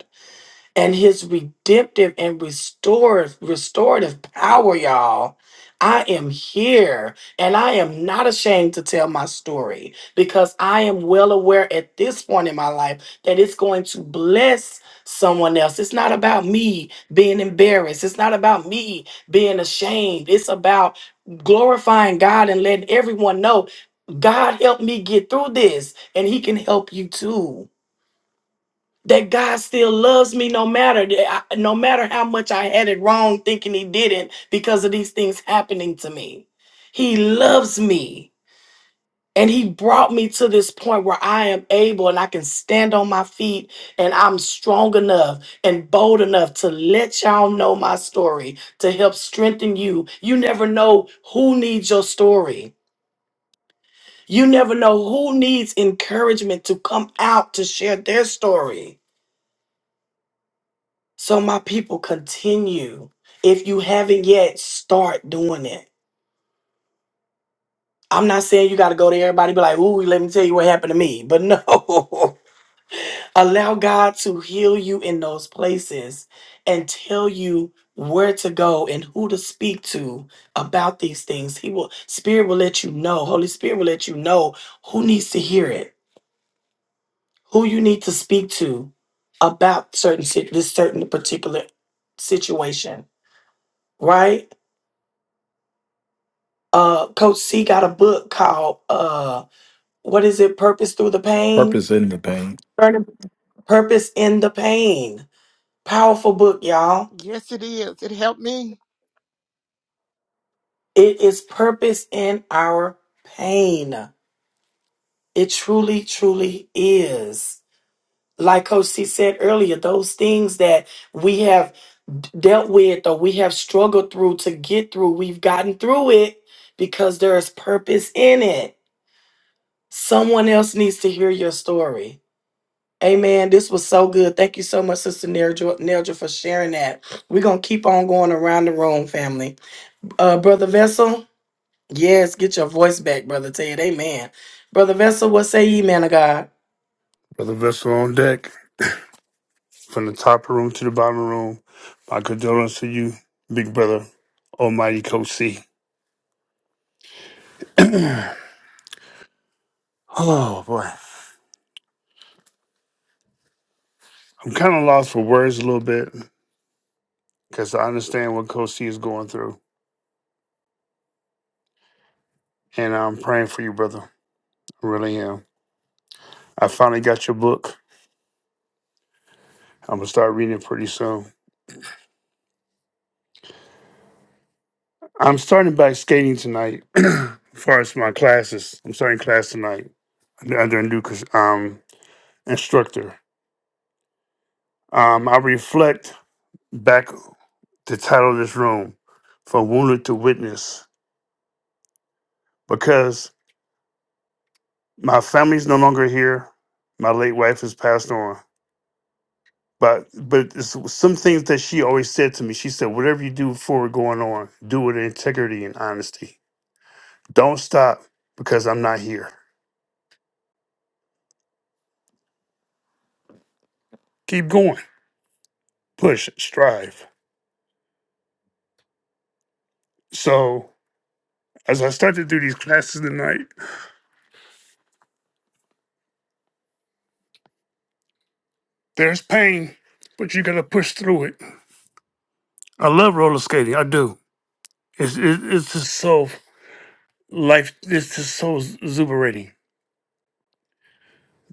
S1: and his redemptive and restorative restorative power, y'all. I am here and I am not ashamed to tell my story because I am well aware at this point in my life that it's going to bless someone else. It's not about me being embarrassed. It's not about me being ashamed. It's about glorifying God and letting everyone know God helped me get through this and he can help you too that God still loves me no matter that I- no matter how much I had it wrong thinking he didn't because of these things happening to me. He loves me. And he brought me to this point where I am able and I can stand on my feet and I'm strong enough and bold enough to let y'all know my story to help strengthen you. You never know who needs your story. You never know who needs encouragement to come out to share their story So, my people, continue. If you haven't yet, start doing it. I'm not saying you got to go to everybody and be like, ooh, let me tell you what happened to me. But no, allow God to heal you in those places and tell you where to go and who to speak to about these things. He will, Spirit will let you know, Holy Spirit will let you know who needs to hear it, who you need to speak to about certain, sit- this certain particular situation, right? uh coach c got a book called uh what is it purpose through the pain
S5: Purpose in the pain.
S1: Learning purpose in the pain powerful book y'all
S2: Yes, it is. It helped me,
S1: it is purpose in our pain it truly truly is like coach c said earlier those things that we have d- dealt with or we have struggled through to get through we've gotten through it because there is purpose in it someone else needs to hear your story Amen. This was so good. Thank you so much, Sister Nerja, Nerja for sharing that. We're going to keep on going around the room, family. Uh, Brother Vessel, yes, get your voice back, Brother Ted. Amen. Brother Vessel, what say ye, man of God?
S7: Brother Vessel on deck, from the top room to the bottom room. My condolence to you, big brother, almighty Coach C. oh, boy. I'm kind of lost for words a little bit because I understand what Coach C is going through. And I'm praying for you, brother. I really am. I finally got your book. I'm going to start reading it pretty soon. I'm starting back skating tonight as far as my classes. I'm starting class tonight under a new cons- um, instructor. Um, I reflect back the title of this room from wounded to witness because my family's no longer here. My late wife has passed on. But but it's some things that she always said to me. She said, Whatever you do before going on, do it in integrity and honesty. Don't stop because I'm not here. Keep going. Push, strive. So as I start to do these classes tonight, there's pain, but you gotta push through it. I love roller skating. I do. It's it, it's just so life this is so exuberating.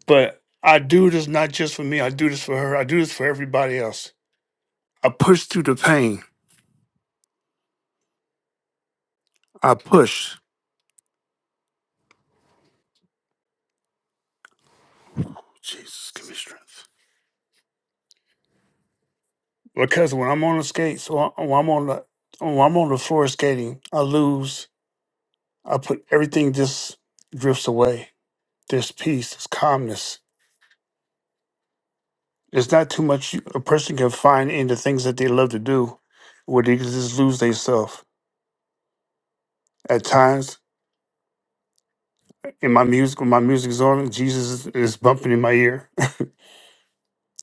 S7: But I do this not just for me. I do this for her. I do this for everybody else. I push through the pain. I push. Jesus, give me strength. Because when I'm on the skates, or when I'm on the when I'm on the floor skating, I lose. I put everything just drifts away. There's peace. There's calmness. There's not too much you- a person can find in the things that they love to do, where they can just lose themselves. At times, in my music when my music's on jesus is, is bumping in my ear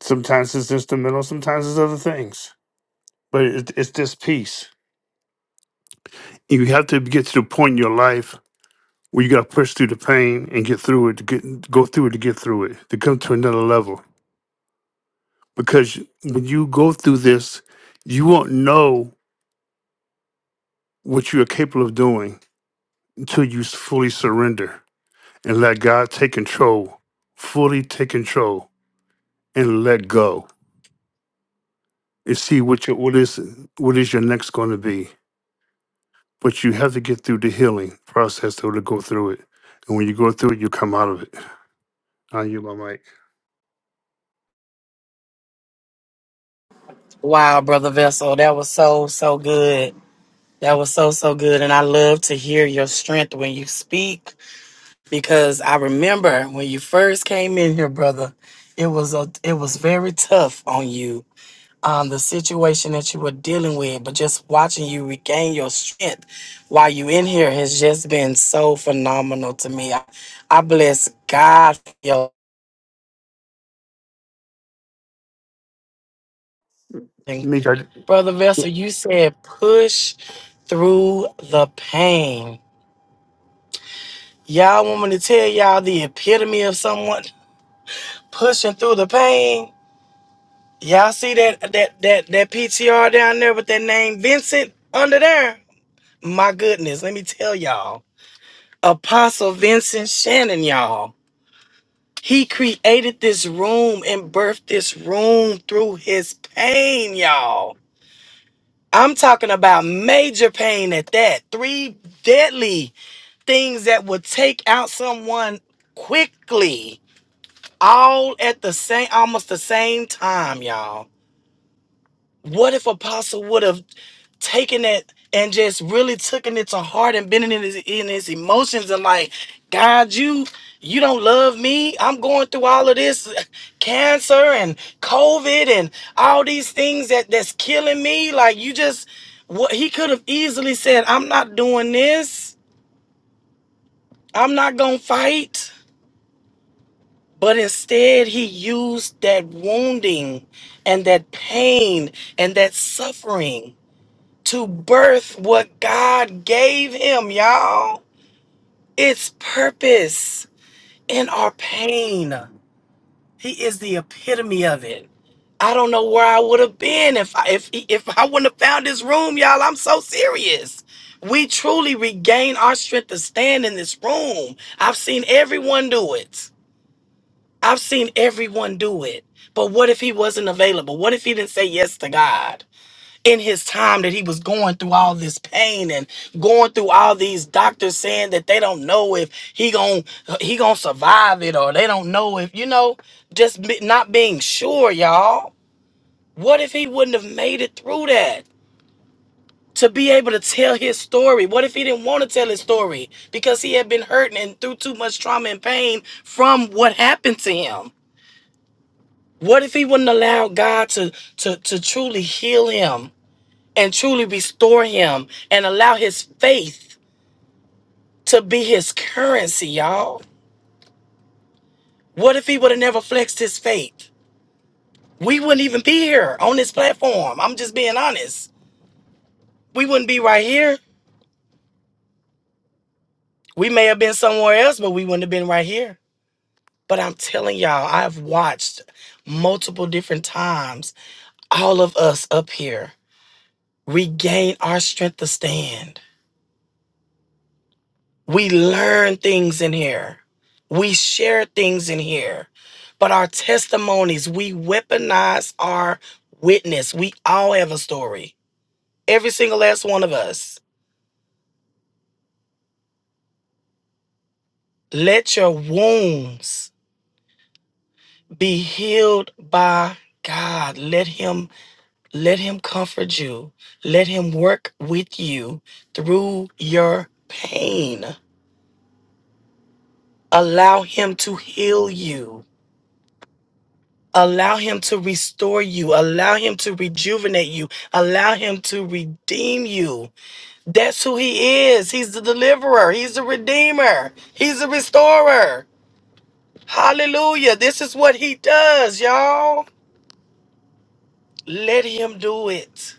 S7: sometimes it's instrumental sometimes it's other things but it, it's this peace you have to get to the point in your life where you got to push through the pain and get through it to get go through it to get through it to come to another level because when you go through this you won't know what you are capable of doing until you s- fully surrender and let god take control fully take control and let go and see what your what is what is your next going to be. But you have to get through the healing process to, to go through it, and when you go through it, you come out of it. I you my mic.
S1: Wow, Brother Vessel, that was so, so good. That was so, so good. And I love to hear your strength when you speak because I remember when you first came in here, brother, it was a, it was very tough on you um, the situation that you were dealing with, but just watching you regain your strength while you in here has just been so phenomenal to me. I, I bless God for your thing.
S7: Meek, I,
S1: brother Vessel. You said push through the pain. Y'all want me to tell y'all the epitome of someone pushing through the pain? Y'all see that that that that PTR down there with that name Vincent under there? My goodness, let me tell y'all. Apostle Vincent Shannon, y'all. He created this room and birthed this room through his pain, y'all. I'm talking about major pain at that. Three deadly things that would take out someone quickly, all at the same, almost the same time, y'all. What if Apostle would have taking it and just really taking it to heart and bending in his in his emotions and like, God, you you don't love me. I'm going through all of this cancer and COVID and all these things that that's killing me. Like you just what he could have easily said, I'm not doing this. I'm not gonna fight. But instead he used that wounding and that pain and that suffering to birth what God gave him, y'all. It's purpose in our pain. He is the epitome of it. I don't know where I would have been if I, if if I wouldn't have found this room, y'all. I'm so serious. We truly regain our strength to stand in this room. I've seen everyone do it. I've seen everyone do it. But what if he wasn't available? What if he didn't say yes to God? in his time that he was going through all this pain and going through all these doctors saying that they don't know if he gon' he gonna survive it or they don't know if you know just be- not being sure y'all what if he wouldn't have made it through that to be able to tell his story what if he didn't want to tell his story because he had been hurting and through too much trauma and pain from what happened to him what if he wouldn't allow god to to to truly heal him and truly restore him and allow his faith to be his currency, y'all. What if he would have never flexed his faith? We wouldn't even be here on this platform. I'm just being honest. We wouldn't be right here. We may have been somewhere else, but we wouldn't have been right here. But I'm telling y'all, I've watched multiple different times all of us up here regain our strength to stand We learn things in here. We share things in here. But our testimonies, we weaponize our witness. We all have a story. Every single last one of us. Let your wounds be healed by God. Let him let him comfort you. Let him work with you through your pain. Allow him to heal you. Allow him to restore you. Allow him to rejuvenate you. Allow him to redeem you. That's who he is. He's the deliverer. He's the redeemer. He's the restorer. Hallelujah. This is what he does, y'all. Let him do it.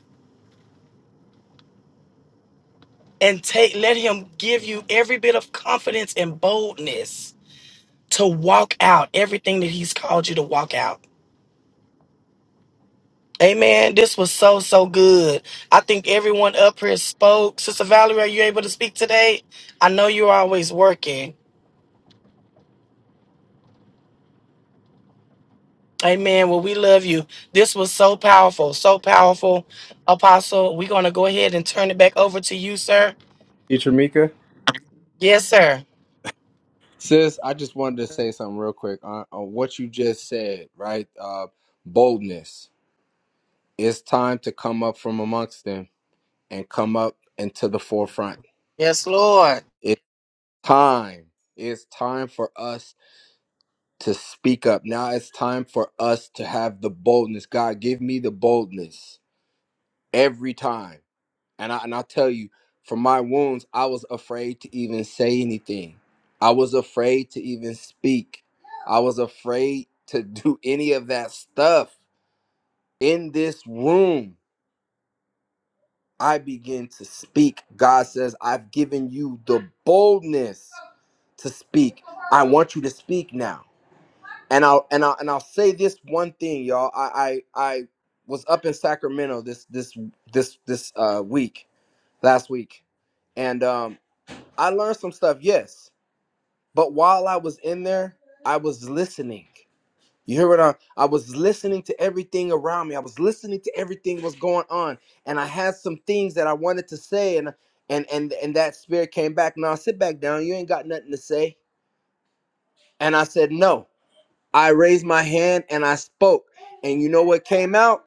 S1: And take let him give you every bit of confidence and boldness to walk out everything that he's called you to walk out. Amen. This was so, so good. I think everyone up here spoke. Sister Valerie, are you able to speak today? I know you're always working. Amen. Well, we love you. This was so powerful, so powerful, Apostle. We're going to go ahead and turn it back over to you, sir.
S4: Teacher Mika?
S1: Yes, sir.
S4: Sis, I just wanted to say something real quick on, on what you just said, right? Uh, boldness. It's time to come up from amongst them and come up into the forefront.
S1: Yes, Lord.
S4: It's time. It's time for us to speak up. Now it's time for us to have the boldness. God, give me the boldness every time. And I and I tell you, from my wounds, I was afraid to even say anything. I was afraid to even speak. I was afraid to do any of that stuff. In this room, I begin to speak. God says, I've given you the boldness to speak. I want you to speak now. And I'll and I'll and I'll say this one thing, y'all. I I, I was up in Sacramento this this this this uh week, last week. And um I learned some stuff, yes. But while I was in there, I was listening. You hear what I I was listening to everything around me. I was listening to everything that was going on. And I had some things that I wanted to say and and and and that spirit came back. Now sit back down. You ain't got nothing to say. And I said, "No." I raised my hand and I spoke. And you know what came out?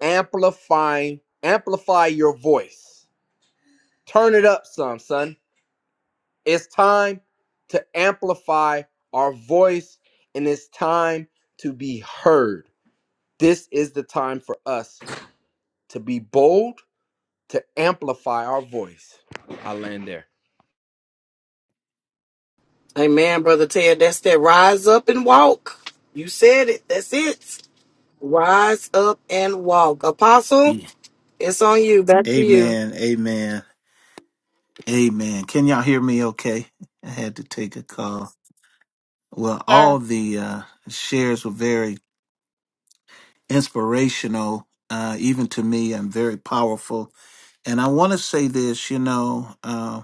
S4: Amplifying amplify your voice. Turn it up some, son It's time to amplify our voice and it's time to be heard. This is the time for us to be bold, to amplify our voice. I land there.
S1: Amen, Brother Ted. That's that rise up and walk. You said it. That's it. Rise up and walk. Apostle,
S3: Yeah.
S1: it's on you. Back to you.
S3: Amen, amen, amen. Can y'all hear me okay? I had to take a call. Well,
S2: sir.
S3: all the uh, shares were very inspirational, uh, even to me, and very powerful. And I want to say this you know, uh,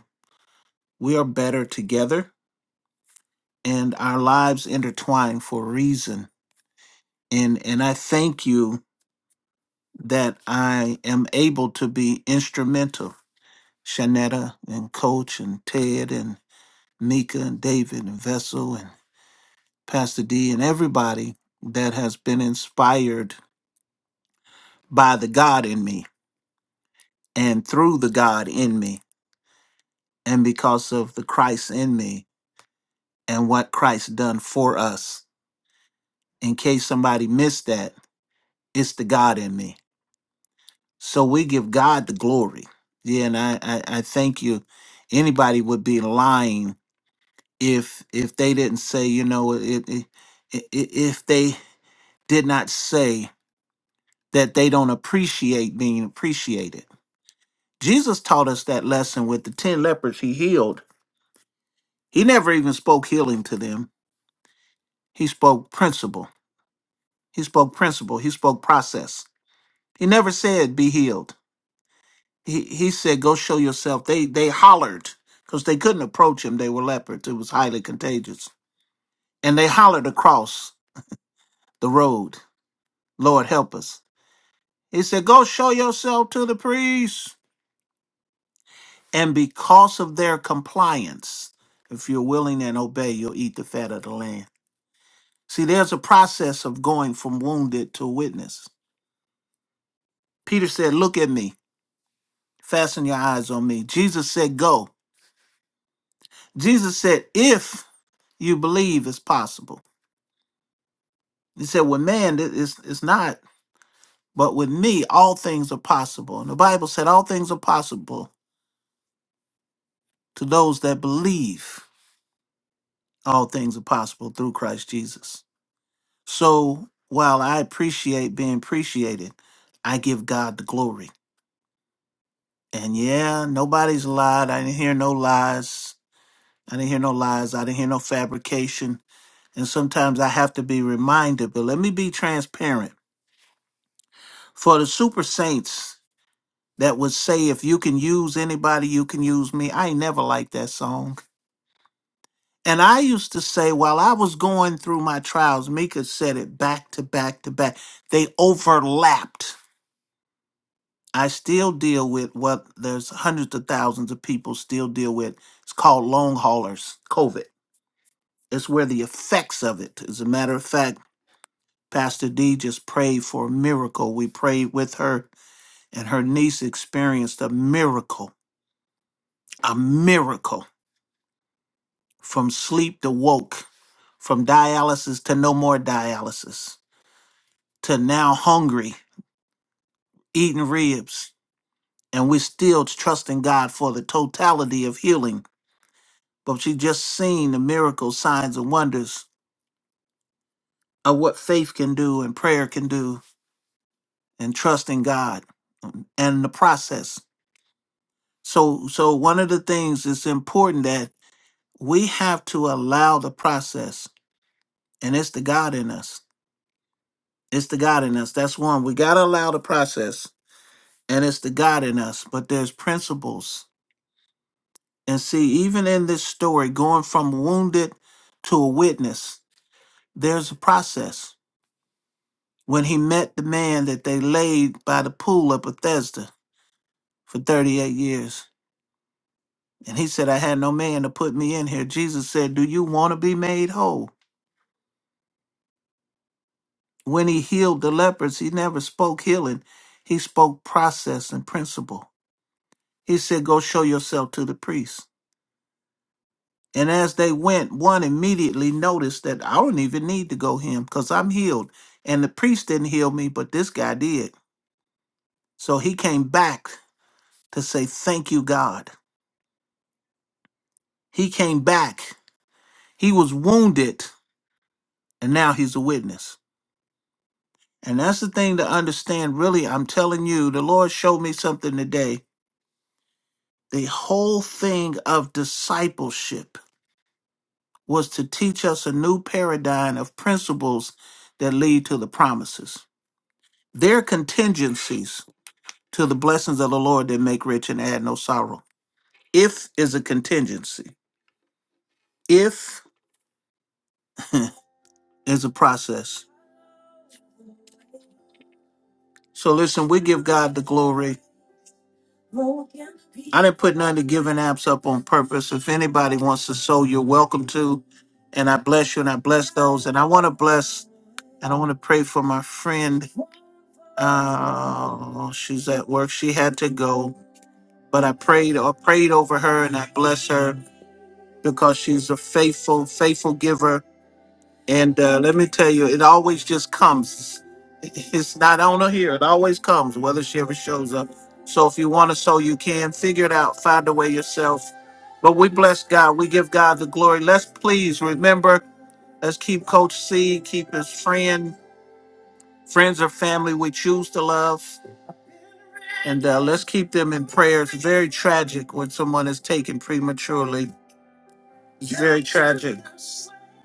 S3: we are better together, and our lives intertwine for a reason. And, and I thank you that I am able to be instrumental. Shanetta and Coach and Ted and Mika and David and Vessel and Pastor D and everybody that has been inspired by the God in me and through the God in me and because of the Christ in me and what Christ done for us. In case somebody missed that, it's the God in me. So we give God the glory. Yeah, and I, I, I thank you. Anybody would be lying if if they didn't say, you know, it, it, i- if they did not say that they don't appreciate being appreciated. Jesus taught us that lesson with the 10 lepers he healed. He never even spoke healing to them He spoke principle. He spoke principle. He spoke process. He never said be healed. He he said go show yourself. They they hollered because they couldn't approach him. They were leopards. It was highly contagious, and they hollered across the road, "Lord help us!" He said, "Go show yourself to the priest." And because of their compliance, if you're willing and obey, you'll eat the fat of the land. See, there's a process of going from wounded to witness. Peter said, "Look at me." Fasten your eyes on me. Jesus said, Go. Jesus said, If you believe, it's possible. He said, With man, it- it's, it's not, but with me, all things are possible. And the Bible said, All things are possible to those that believe. All things are possible through Christ Jesus. So while I appreciate being appreciated, I give God the glory. And yeah, nobody's lied. I didn't hear no lies. I didn't hear no lies. I didn't hear no fabrication. And sometimes I have to be reminded, but let me be transparent. For the super saints that would say, if you can use anybody, you can use me, I ain't never liked that song. And I used to say, while I was going through my trials, Mika said it back to back to back. They overlapped. I still deal with what there's hundreds of thousands of people still deal with. It's called long haulers, COVID. It's where the effects of it. As a matter of fact, Pastor D just prayed for a miracle. We prayed with her, and her niece experienced a miracle, a miracle from sleep to woke, from dialysis to no more dialysis, to now hungry, eating ribs. And we're still trusting God for the totality of healing. But she just seen the miracles, signs, and wonders of what faith can do and prayer can do, and trusting God and the process. So so one of the things it's important that we have to allow the process and it's the God in us. It's the God in us. That's one. We got to allow the process and it's the God in us, but there's principles. And see even in this story going from wounded to a witness, there's a process. When he met the man that they laid by the pool of Bethesda for 38 years, and he said, I had no man to put me in here. Jesus said, Do you want to be made whole? When he healed the lepers, he never spoke healing. He spoke process and principle. He said, Go show yourself to the priest. And as they went, one immediately noticed that I don't even need to go him because I'm healed. And the priest didn't heal me, but this guy did. So he came back to say, Thank you, God. He came back. He was wounded, and now he's a witness. And that's the thing to understand. Really, I'm telling you, the Lord showed me something today The whole thing of discipleship was to teach us a new paradigm of principles that lead to the promises. There are contingencies to the blessings of the Lord that make rich and add no sorrow. If is a contingency. If is a process. So listen, we give God the glory. I didn't put none of the giving apps up on purpose. If anybody wants to sow, you're welcome to. And I bless you and I bless those. And I want to bless and I want to pray for my friend Uh, she's at work. She had to go, but I prayed. I prayed over her and I bless her because she's a faithful, faithful giver. And uh, let me tell you, it always just comes. It's not on her here. It always comes, whether she ever shows up. So if you want to sow, you can figure it out. Find a way yourself. But we bless God. We give God the glory. Let's please remember. Let's keep Coach C. Keep his friend, friends or family we choose to love And uh, let's keep them in prayer. It's very tragic when someone is taken prematurely. It's very tragic.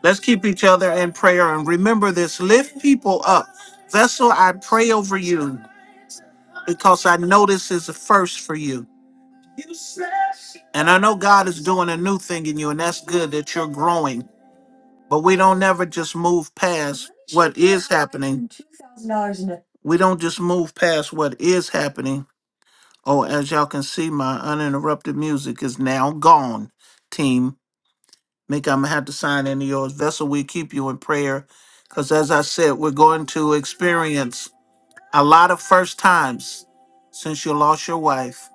S3: Let's keep each other in prayer and remember this lift people up. Vessel, I pray over you because I know this is a first for you. And I know God is doing a new thing in you, and that's good that you're growing. But we don't never just move past what is happening. We don't just move past what is happening Oh, as y'all can see, my uninterrupted music is now gone. Team, Mick, I'm gonna have to sign into yours. Vessel, we keep you in prayer, because as I said, we're going to experience a lot of first times since you lost your wife,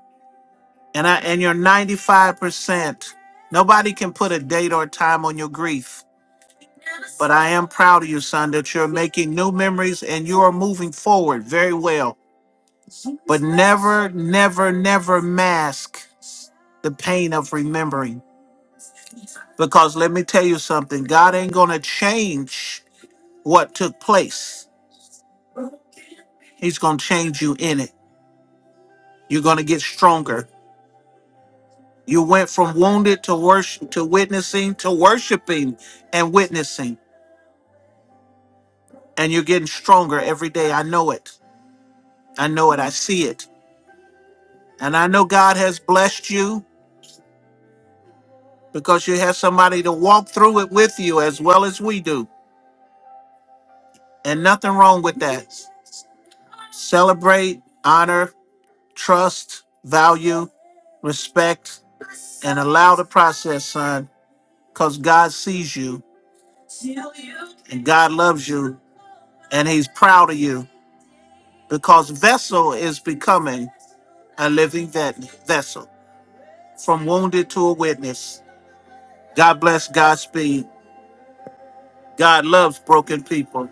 S3: and I and you're 95 percent. Nobody can put a date or time on your grief, but I am proud of you, son, that you're making new memories and you are moving forward very well. Never, never, never mask the pain of remembering Because let me tell you something God ain't going to change what took place, He's going to change you in it. You're going to get stronger. You went from wounded to worship to witnessing to worshiping and witnessing, and you're getting stronger every day. I know it. I know it. I see it. And I know God has blessed you because you have somebody to walk through it with you as well as we do. And nothing wrong with that. Celebrate, honor, trust, value, respect, and allow the process, son, because God sees you and God loves you and He's proud of you because vessel is becoming a living vet- vessel from wounded to a witness. God bless Godspeed. God loves broken people.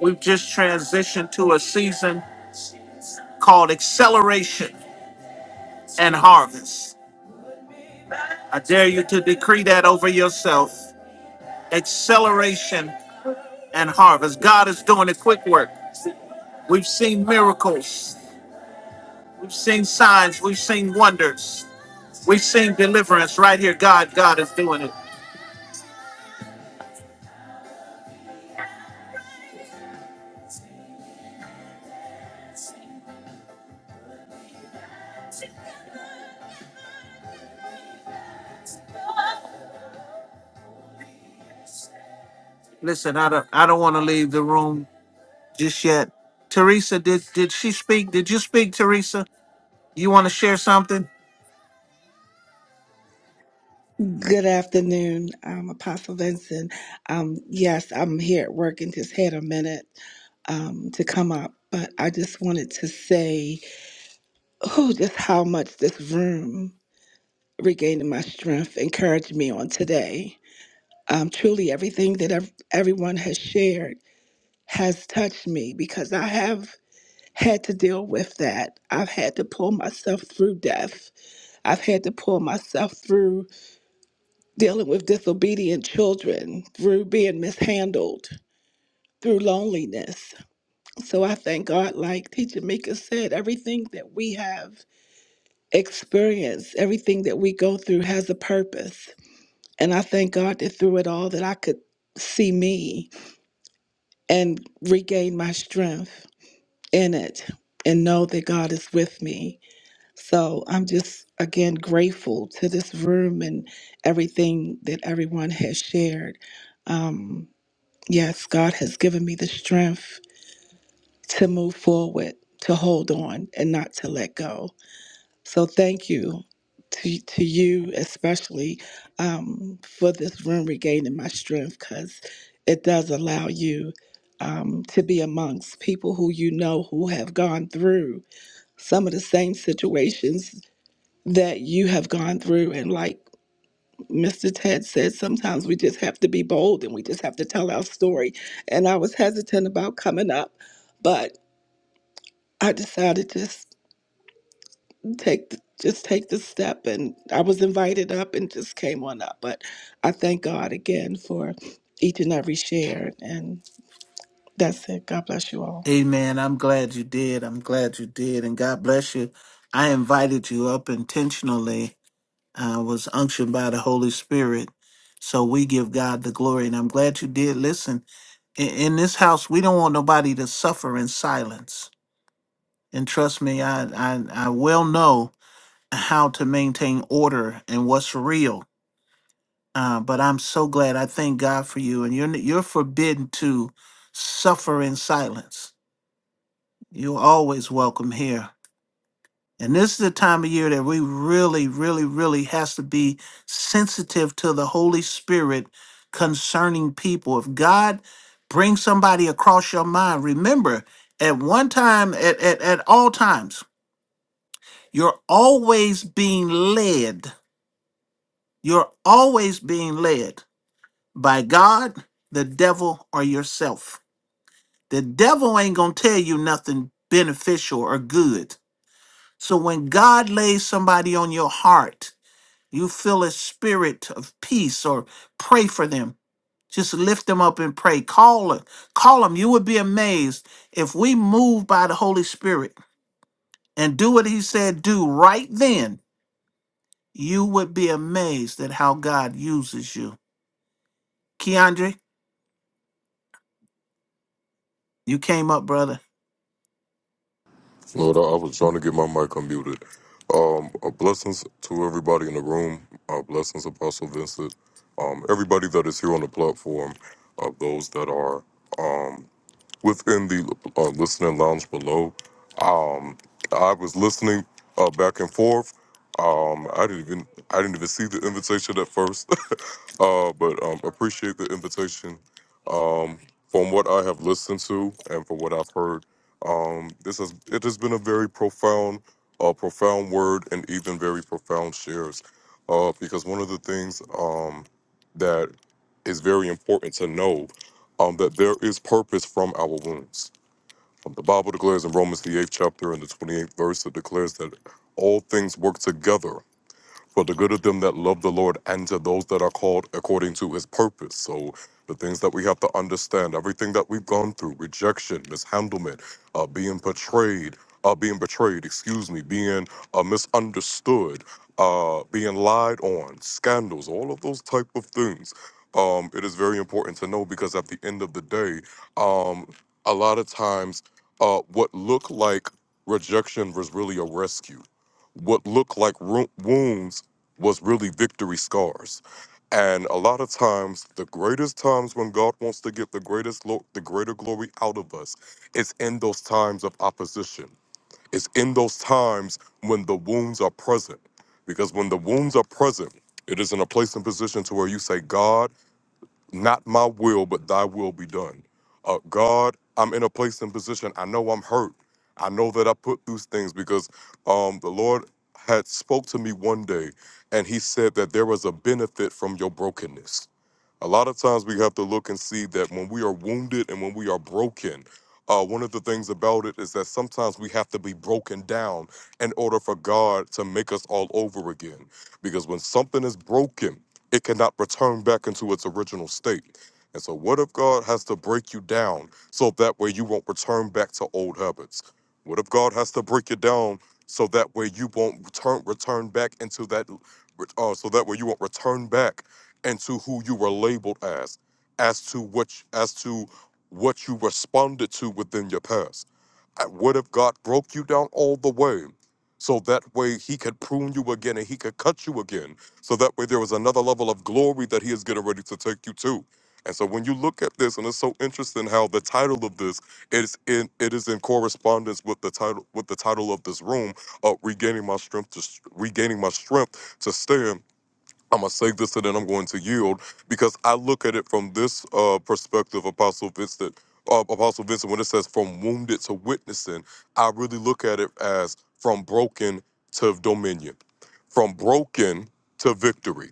S3: We've just transitioned to a season called acceleration and harvest. I dare you to decree that over yourself acceleration and harvest. God is doing a quick work. We've seen miracles. We've seen signs. We've seen wonders. We've seen deliverance right here. God, God is doing it. Listen, I don't, I don't want to leave the room just yet. Teresa, did did she speak? Did you speak, Teresa? You want to share something?
S8: Good afternoon, um, Apostle Vincent. Um, yes, I'm here at work and just had a minute um, to come up, but I just wanted to say, oh, just how much this room regaining my strength encouraged me on today. Um, truly, everything that ev- everyone has shared has touched me because I have had to deal with that. I've had to pull myself through death. I've had to pull myself through dealing with disobedient children, through being mishandled, through loneliness. So I thank God, like Teacher Mika said, everything that we have experienced, everything that we go through has a purpose. And I thank God that through it all that I could see me and regain my strength in it and know that God is with me. So I'm just again grateful to this room and everything that everyone has shared. Um, Yes, God has given me the strength to move forward, to hold on, and not to let go. So thank you to, to you, especially um, for this room regaining my strength because it does allow you um, to be amongst people who you know who have gone through some of the same situations that you have gone through. And like Mr. Ted said sometimes we just have to be bold and we just have to tell our story. And I was hesitant about coming up, but I decided to just take the, just take the step, and I was invited up and just came on up. But I thank God again for each and every share, and that's it. God bless you all.
S3: Amen. I'm glad you did. I'm glad you did, and God bless you. I invited you up intentionally uh, was unctioned by the Holy Spirit. So we give God the glory. And I'm glad you did listen. In, in this house, we don't want nobody to suffer in silence. And trust me, I, I, I well know how to maintain order and what's real. Uh, but I'm so glad. I thank God for you. And you're, n- you're forbidden to suffer in silence. You're always welcome here And this is the time of year that we really, really, really has to be sensitive to the Holy Spirit concerning people. If God brings somebody across your mind, remember at one time, at, at, at all times, you're always being led. You're always being led by God, the devil, or yourself. The devil ain't gonna tell you nothing beneficial or good. So when God lays somebody on your heart, you feel a spirit of peace or pray for them just lift them up and pray call them call them you would be amazed if we move by the holy spirit and do what he said do right then you would be amazed at how god uses you keandre you came up brother
S9: Lord, I I was trying to get my mic unmuted. Um, uh, blessings to everybody in the room. Uh, blessings, Apostle Vincent. Um, everybody that is here on the platform, uh, those that are um, within the uh, listening lounge below. Um, I was listening uh, back and forth. Um, I didn't even I didn't even see the invitation at first. Uh, but um, appreciate the invitation. Um, from what I have listened to and from what I've heard, um, this has it has been a very profound, uh, profound word and even very profound shares. Uh, because one of the things um, that is very important to know um, that there is purpose from our wounds. Um, the Bible declares in Romans the eighth chapter and the twenty eighth verse it declares that all things work together for the good of them that love the Lord and to those that are called according to his purpose. So the things that we have to understand, everything that we've gone through, rejection, mishandlement, uh, being betrayed, uh, being betrayed, excuse me, being uh, misunderstood, uh, being lied on, scandals, all of those type of things. Um, it is very important to know because at the end of the day, um, a lot of times, uh, what looked like rejection was really a rescue what looked like ru- wounds was really victory scars. And a lot of times, the greatest times when God wants to get the greatest look, the greater glory out of us, it's in those times of opposition. It's in those times when the wounds are present. Because when the wounds are present, it is in a place and position to where you say, God, not my will, but thy will be done. Uh, God, I'm in a place and position. I know I'm hurt. I know that I put these things because um, the Lord had spoke to me one day and he said that there was a benefit from your brokenness a lot of times we have to look and see that when we are wounded and when we are broken, uh, one of the things about it is that sometimes we have to be broken down in order for God to make us all over again. Because when something is broken, it cannot return back into its original state. And so, what if God has to break you down so that way you won't return back to old habits? What if God has to break you down so that way you won't return return back into that, uh, so that way you won't return back and to who you were labeled as, as to what as to what you responded to within your past. Uh, What if God broke you down all the way? So that way he could prune you again and he could cut you again. So that way there was another level of glory that he is getting ready to take you to. And so when you look at this, and it's so interesting how the title of this is in it is in correspondence with the title with the title of this room, uh, regaining my strength to regaining my strength to stand I'm gonna say this and then I'm going to yield because I look at it from this uh, perspective, Apostle Vincent. Uh, Apostle Vincent, when it says from wounded to witnessing, I really look at it as from broken to dominion, from broken to victory.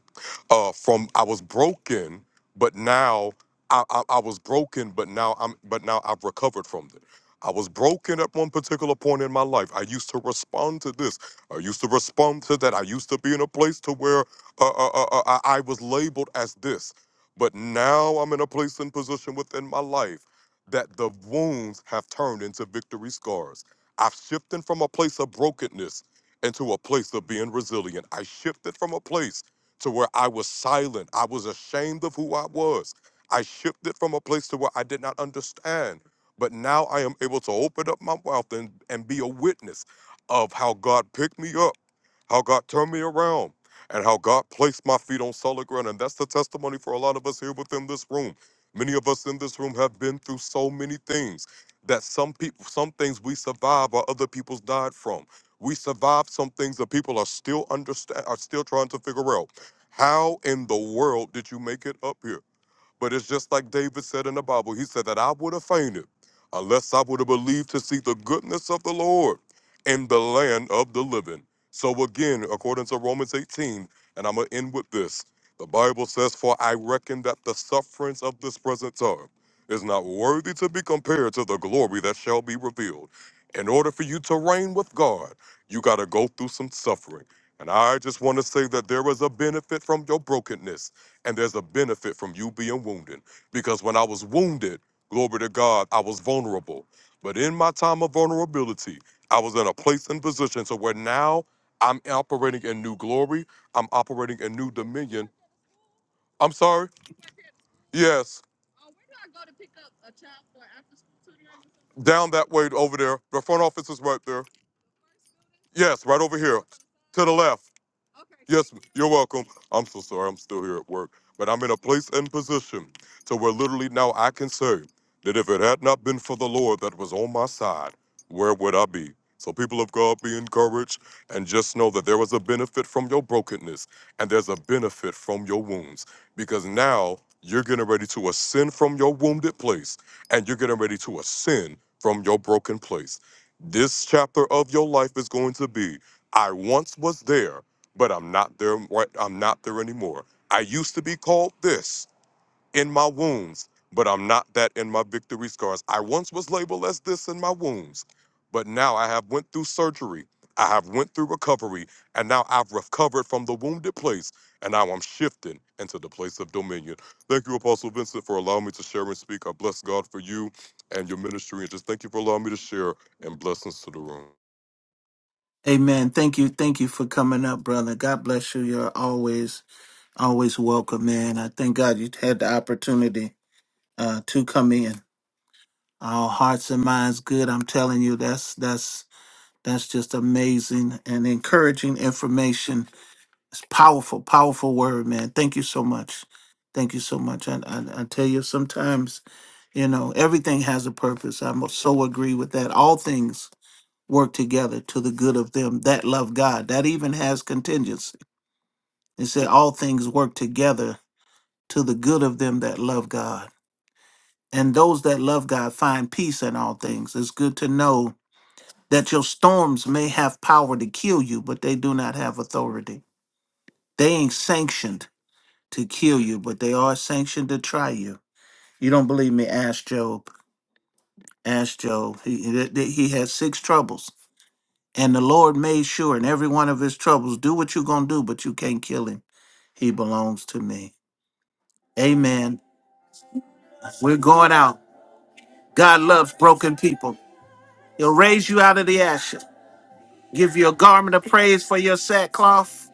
S9: Uh, from I was broken, but now I, I, I was broken, but now I'm but now I've recovered from it. I was broken at one particular point in my life. I used to respond to this. I used to respond to that. I used to be in a place to where uh, uh, uh, uh, I, I was labeled as this, but now I'm in a place and position within my life that the wounds have turned into victory scars. I've shifted from a place of brokenness into a place of being resilient. I shifted from a place to where I was silent. I was ashamed of who I was. I shifted from a place to where I did not understand. But now I am able to open up my mouth and, and be a witness of how God picked me up how God turned me around and how God placed my feet on solid ground. And that's the testimony for a lot of us here within this room. Many of us in this room have been through so many things that some people, some things we survived, or other people's died from. We survived some things that people are still understand are still trying to figure out. How in the world did you make it up here? But it's just like David said in the Bible. He said that I would have fainted unless I would have believed to see the goodness of the Lord in the land of the living. So again, according to Romans 18, and I'm going to end with this. The Bible says, For I reckon that the sufferings of this present time is not worthy to be compared to the glory that shall be revealed. In order for you to reign with God, you got to go through some suffering. And I just want to say that there is a benefit from your brokenness and there's a benefit from you being wounded. Because when I was wounded, glory to God, I was vulnerable. But in my time of vulnerability, I was in a place and position to where now I'm operating in new glory. I'm operating in new dominion. I'm sorry. Yes, down that way over there. The front office is right there. Yes, right over here, to the left. Yes, you're welcome. I'm so sorry. I'm still here at work, but I'm in a place and position to where literally now I can say that if it had not been for the Lord that was on my side, where would I be? So, people of God, be encouraged and just know that there was a benefit from your brokenness and there's a benefit from your wounds because now you're getting ready to ascend from your wounded place and you're getting ready to ascend from your broken place. This chapter of your life is going to be I once was there, but I'm not there right I'm not there anymore. I used to be called this, in my wounds, but I'm not that in my victory scars. I once was labeled as this in my wounds, but now I have went through surgery. I have went through recovery, and now I've recovered from the wounded place, and now I'm shifting into the place of dominion. Thank you, Apostle Vincent, for allowing me to share and speak. I bless God for you and your ministry, and just thank you for allowing me to share and blessings to the room.
S3: amen thank you thank you for coming up brother god bless you you're always always welcome man i thank god you had the opportunity uh, to come in Our hearts and minds good. I'm telling you, that's that's that's just amazing and encouraging information. It's powerful, powerful word, man. Thank you so much. Thank you so much. And I, I, tell you, sometimes you know everything has a purpose. I must so agree with that. All things work together to the good of them that love God. That even has contingency. It said all things work together to the good of them that love God and those that love God find peace in all things. It's good to know that your storms may have power to kill you, but they do not have authority. They ain't sanctioned to kill you, but they are sanctioned to try you. You don't believe me? Ask Job. Ask Job. He, he he- he had six troubles, and the Lord made sure in every one of his troubles, do what you're going to do, but you can't kill him. He belongs to me. Amen. We're going out. God loves broken people. He'll raise you out of the ashes, give you a garment of praise for your sackcloth,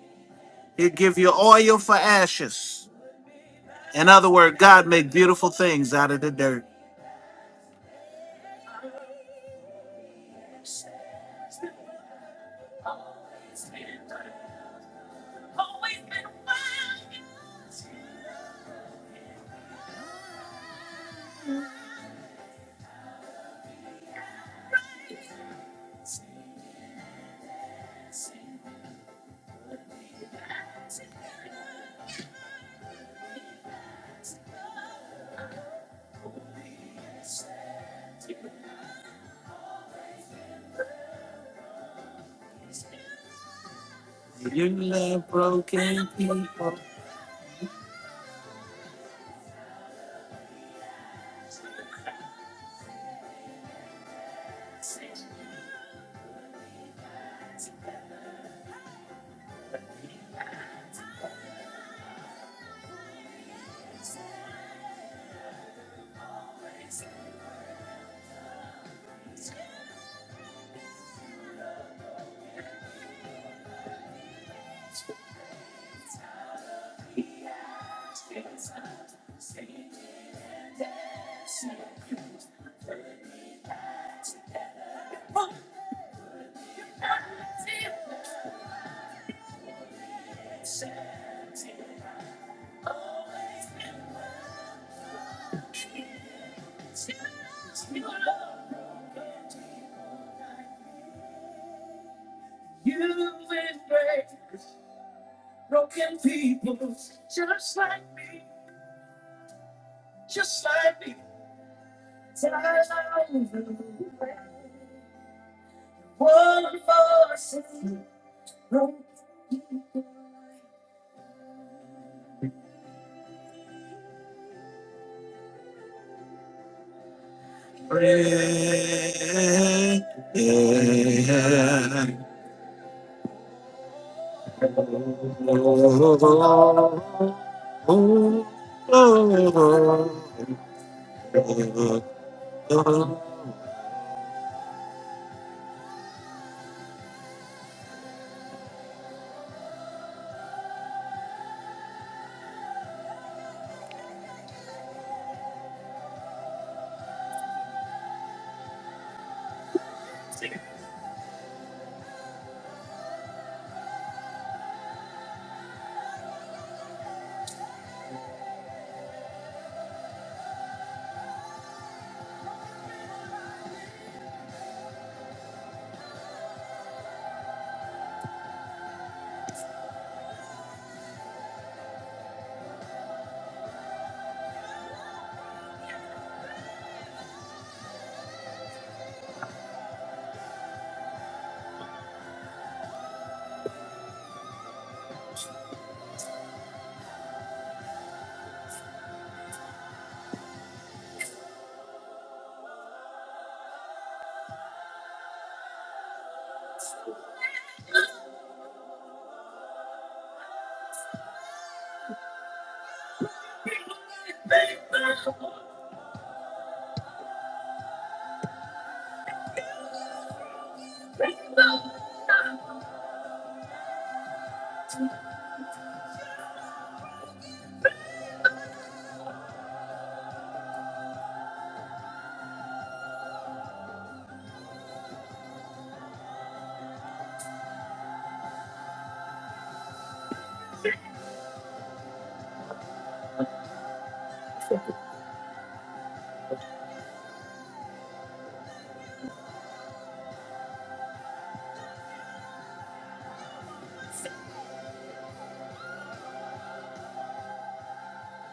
S3: He'll give you oil for ashes. In other words, God make beautiful things out of the dirt. You love broken people.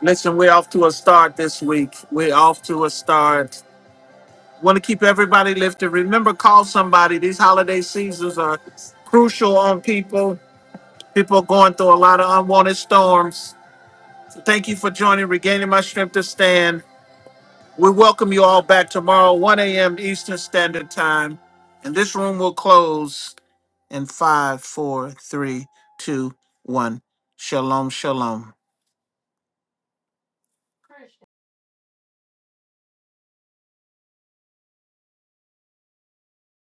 S3: Listen, we're off to a start this week. We're off to a start. Want to keep everybody lifted. Remember, call somebody. These holiday seasons are crucial on people. People are going through a lot of unwanted storms. Thank you for joining, regaining my strength to stand. We welcome you all back tomorrow, 1 a.m. Eastern Standard Time. And this room will close. in five, four, three, two, one. Shalom, shalom.